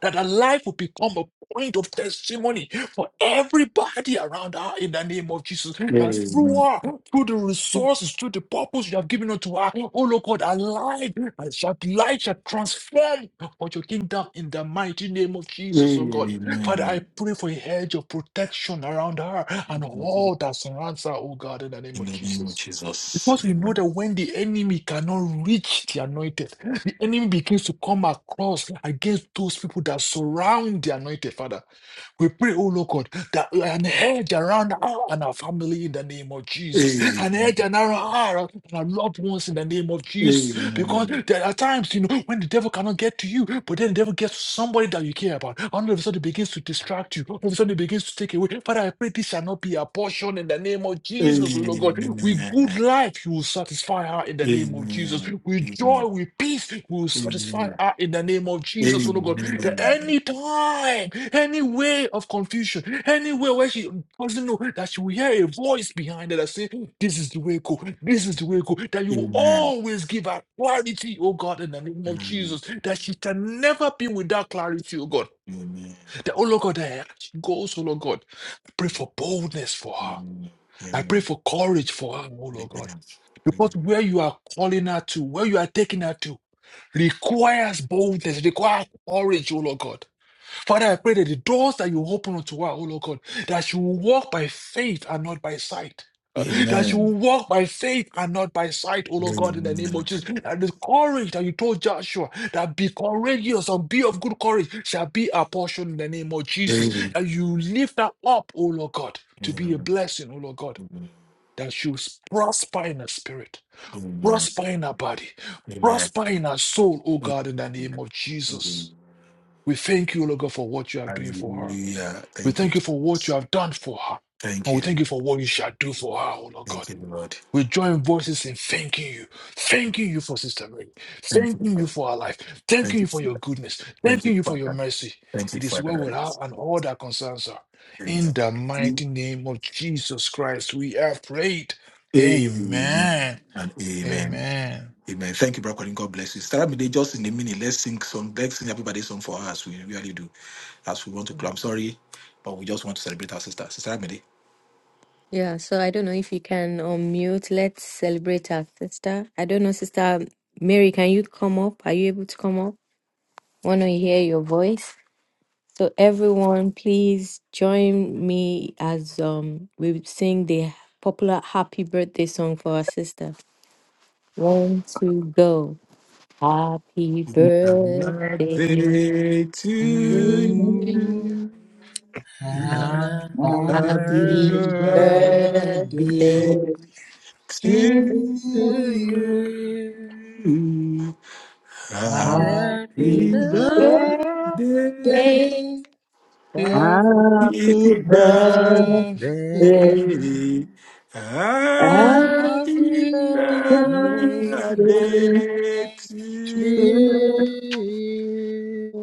that our life will become a point of testimony for everybody around her in the name of Jesus. That through her, through the resources, through the purpose you have given unto her, oh Lord God, our life our shall life shall transform for your kingdom in the mighty name of Jesus, oh God. Father, I pray for a hedge of protection around her and all that surrounds her, oh God, in the name In of the name of Jesus. Jesus. Because we know that when the enemy cannot reach the anointed, the enemy begins to come across against those people that surround the anointed, Father. We pray, oh Lord God, that an edge around her and our family in the name of Amen. Amen. Amen. Amen. Amen. Amen. Amen. Amen. Amen. Amen. Amen. Amen. Amen. Amen. Amen. Amen. Jesus, an edge around her and our loved ones in the name of Jesus. Because there are times, you know, when the devil cannot get to you, but then the devil gets to somebody that you care about. And all of a sudden, it begins to distract you. All of a sudden, it begins to take away. Father, I pray this shall not be a portion in the name of Jesus, O Lord God. With good life, you will satisfy her in the name of Jesus. With joy, with peace, we will satisfy her. in the name of Jesus, oh Lord God. That any time, any way of confusion, anywhere where she doesn't know that she will hear a voice behind her that says, This is the way go, this is the way go, that you will always give her clarity, oh God, in the name of Jesus, that she can never be without clarity, oh God. That, oh Lord God, that she goes, oh Lord God. I pray for boldness for her. I pray for courage for her, oh Lord God. Because where you are calling her to, where you are taking her to, requires boldness, requires courage, O Lord God. Father, I pray that the doors that you open unto her, O Lord God, that she will walk by faith and not by sight. Uh, That she will walk by faith and not by sight, O Lord God, in the name of Jesus. And the courage that you told Joshua, that be courageous and be of good courage, shall be our portion in the name of Jesus. Amen. Amen. That you lift her up, O Lord God, to be a Amen. Amen. blessing, O Lord God, that she will prosper in the spirit Prosper in our body. Prosper in our soul, oh God, in the name of Jesus. We thank you, Lord God, for what you are doing for her. Hallelujah. We Thank you, thank you for what you Jesus. have done for her. Thank And we thank you. you for what you shall do for her, oh Lord Thank God. you, Lord. We join voices in thanking you. Thanking you for Sister Mary. Thank you. Thanking you Father. for her life. Thanking Thank you you. for your Father. goodness. Thank you, Thanking you for your Father. mercy. Thank you It is for well with that. her and all that concerns her. Amen. In the mighty name of Jesus Christ, we have prayed. Amen. Amen. And amen. Amen. Amen. Thank you, Brother Colin. God bless you. Start me just in a minute. Let's sing some. Let's sing everybody song for us. We really do. As we want to clap. I'm sorry, but we just want to celebrate our sister. Sister Amide. Yeah, so I don't know if you can unmute. Let's celebrate our sister. I don't know, Sister Mary, can you come up? Are you able to come up? want to hear your voice. So everyone, please join me as um we sing the popular happy birthday song for our sister. One, two, go. Happy Happy Happy birthday. birthday Do to to birthday, you. You you. Happy happy Happy happy Happy birthday birthday birthday birthday birthday to to you. to to you. you. you. Happy Happy Happy Happy birthday. birthday birthday. birthday, Oh dear Happy birthday. birthday. birthday. Happy Happy Happy birthday birthday birthday to to to to you.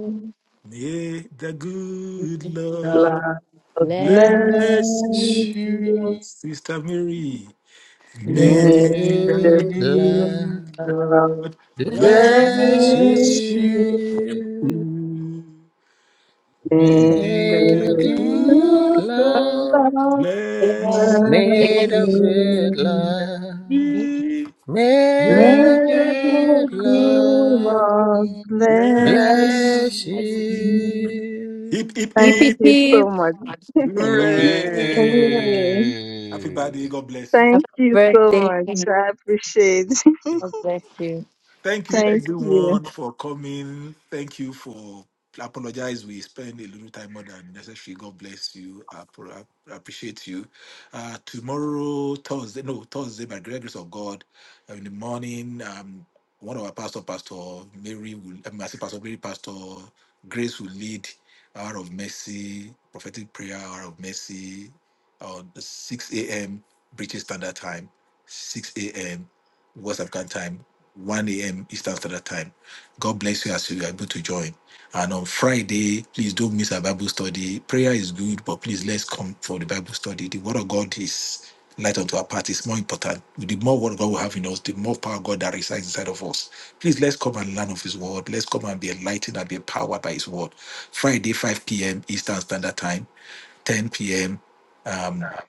May the good God Lord Lots of bless. bless blessings, bless you, you. Sister Mary. The May May good may the good the the gift good Lord of Lord bless blessings bless bless you. you. you. be May May the the to Good good good Lord Lord bless the Made of bless. good blessed. love, you. made May of the Blessings. Magula good good love, Lord bless. bless. bless bless you. Hip, you. hip, Keep Thank it, hip. you so much. Hooray! keep. Hooray. Really. Happy. Happy Thank you so birthday. much. God I appreciate. bless you. Thank you Thank you. everyone for coming. Thank you for apologize. We spend a little time more than necessary. God bless you. I appro- I appreciate you. Uh, tomorrow, Thursday, no, Thursday, by the grace of God, uh, in the morning, um, one of our pastor, Pastor Mary, will, I mean, I say Pastor Mary, Pastor Grace will lead hour of mercy, prophetic prayer, hour of mercy. Time, time, time. God bless you. And light and us. Please, our by His word. a.m. Eastern Standard Time, 10 p.m.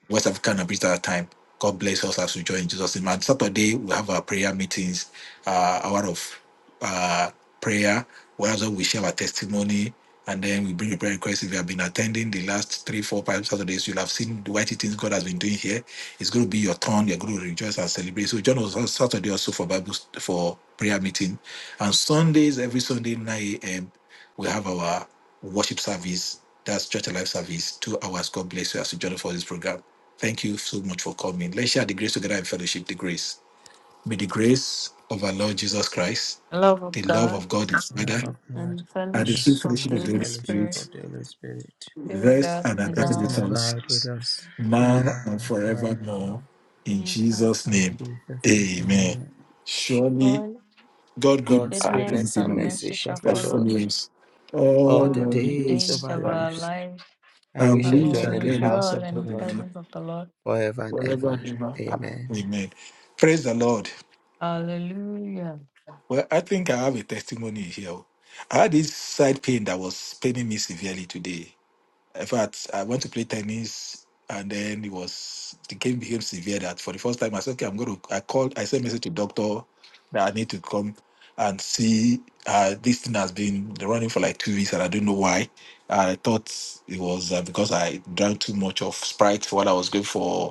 West African and British Standard Time. God bless us as we join in Jesus' name. And Saturday, we have our prayer meetings, uh, hour of uh, prayer, where also we share our testimony and then we bring a prayer request. If you have been attending the last three, four, five Saturdays, you'll have seen the mighty things God has been doing here. It's going to be your turn. You're going to rejoice and celebrate. So join us on Saturday also for Bible for prayer meeting. And Sundays, every Sunday, 9 a.m., we have our worship service. That's Church Alive service, two hours. God bless you as you join us for this program. Thank you so much for coming. Let's share the grace together in fellowship. The grace. May the grace of our Lord Jesus Christ, The Love of the love God of God the Love of Father, God and the and and the the fellowship sweet of fellowship the sweet of the Holy Holy fellowship Spirit Spirit of the Holy Spirit be with rest us and abide rest now. and with us abide with us now now and and forevermore. forevermore. In We have Jesus' In name. Jesus' name, Amen. amen. Surely God, God good God's goodness goodness and and and mercy mercy shall shall follow follow us us us all all the all the days of days our of our lives, lives, and we and and shall we we dwell shall in the dwell will in the house sight dwell of the in of the Lord the presence of the Lord. forever and ever. Lord. Amen. Amen. Praise the Lord. Hallelujah. Well, I think I have a testimony here. I had this side pain that was paining me severely today. In fact, I went to play tennis and then it was the game became severe that for the first time I said, okay, I'm gonna I called I sent a message to doctor that I need to come and see uh, this thing has been running for like two weeks and I don't know why. I thought it was uh, because I drank too much of Sprite while I was going for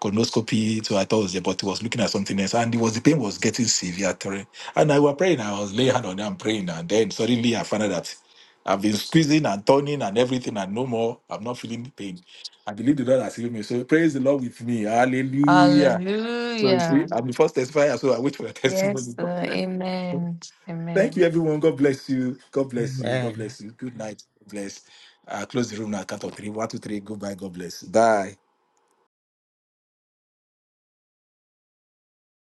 colonoscopy. So I thought it was there, but he was looking at something else. And it was the pain was getting severe. Terry. And I was praying. I was laying hand on him praying. And then suddenly I found out that I've been squeezing and turning and everything and no more. I'm not feeling the pain. I believe the Lord has healed me. So praise the Lord with me. Hallelujah. So you see, Hallelujah. I'm the first testifier, so I wait for your testimony. Yes, sir. Amen. Thank you, everyone. God Amen. bless you. God bless you. Amen. God bless you. Good night. God bless. Uh, close the room now. Count of three. One, two, three. Goodbye. God bless. Bye.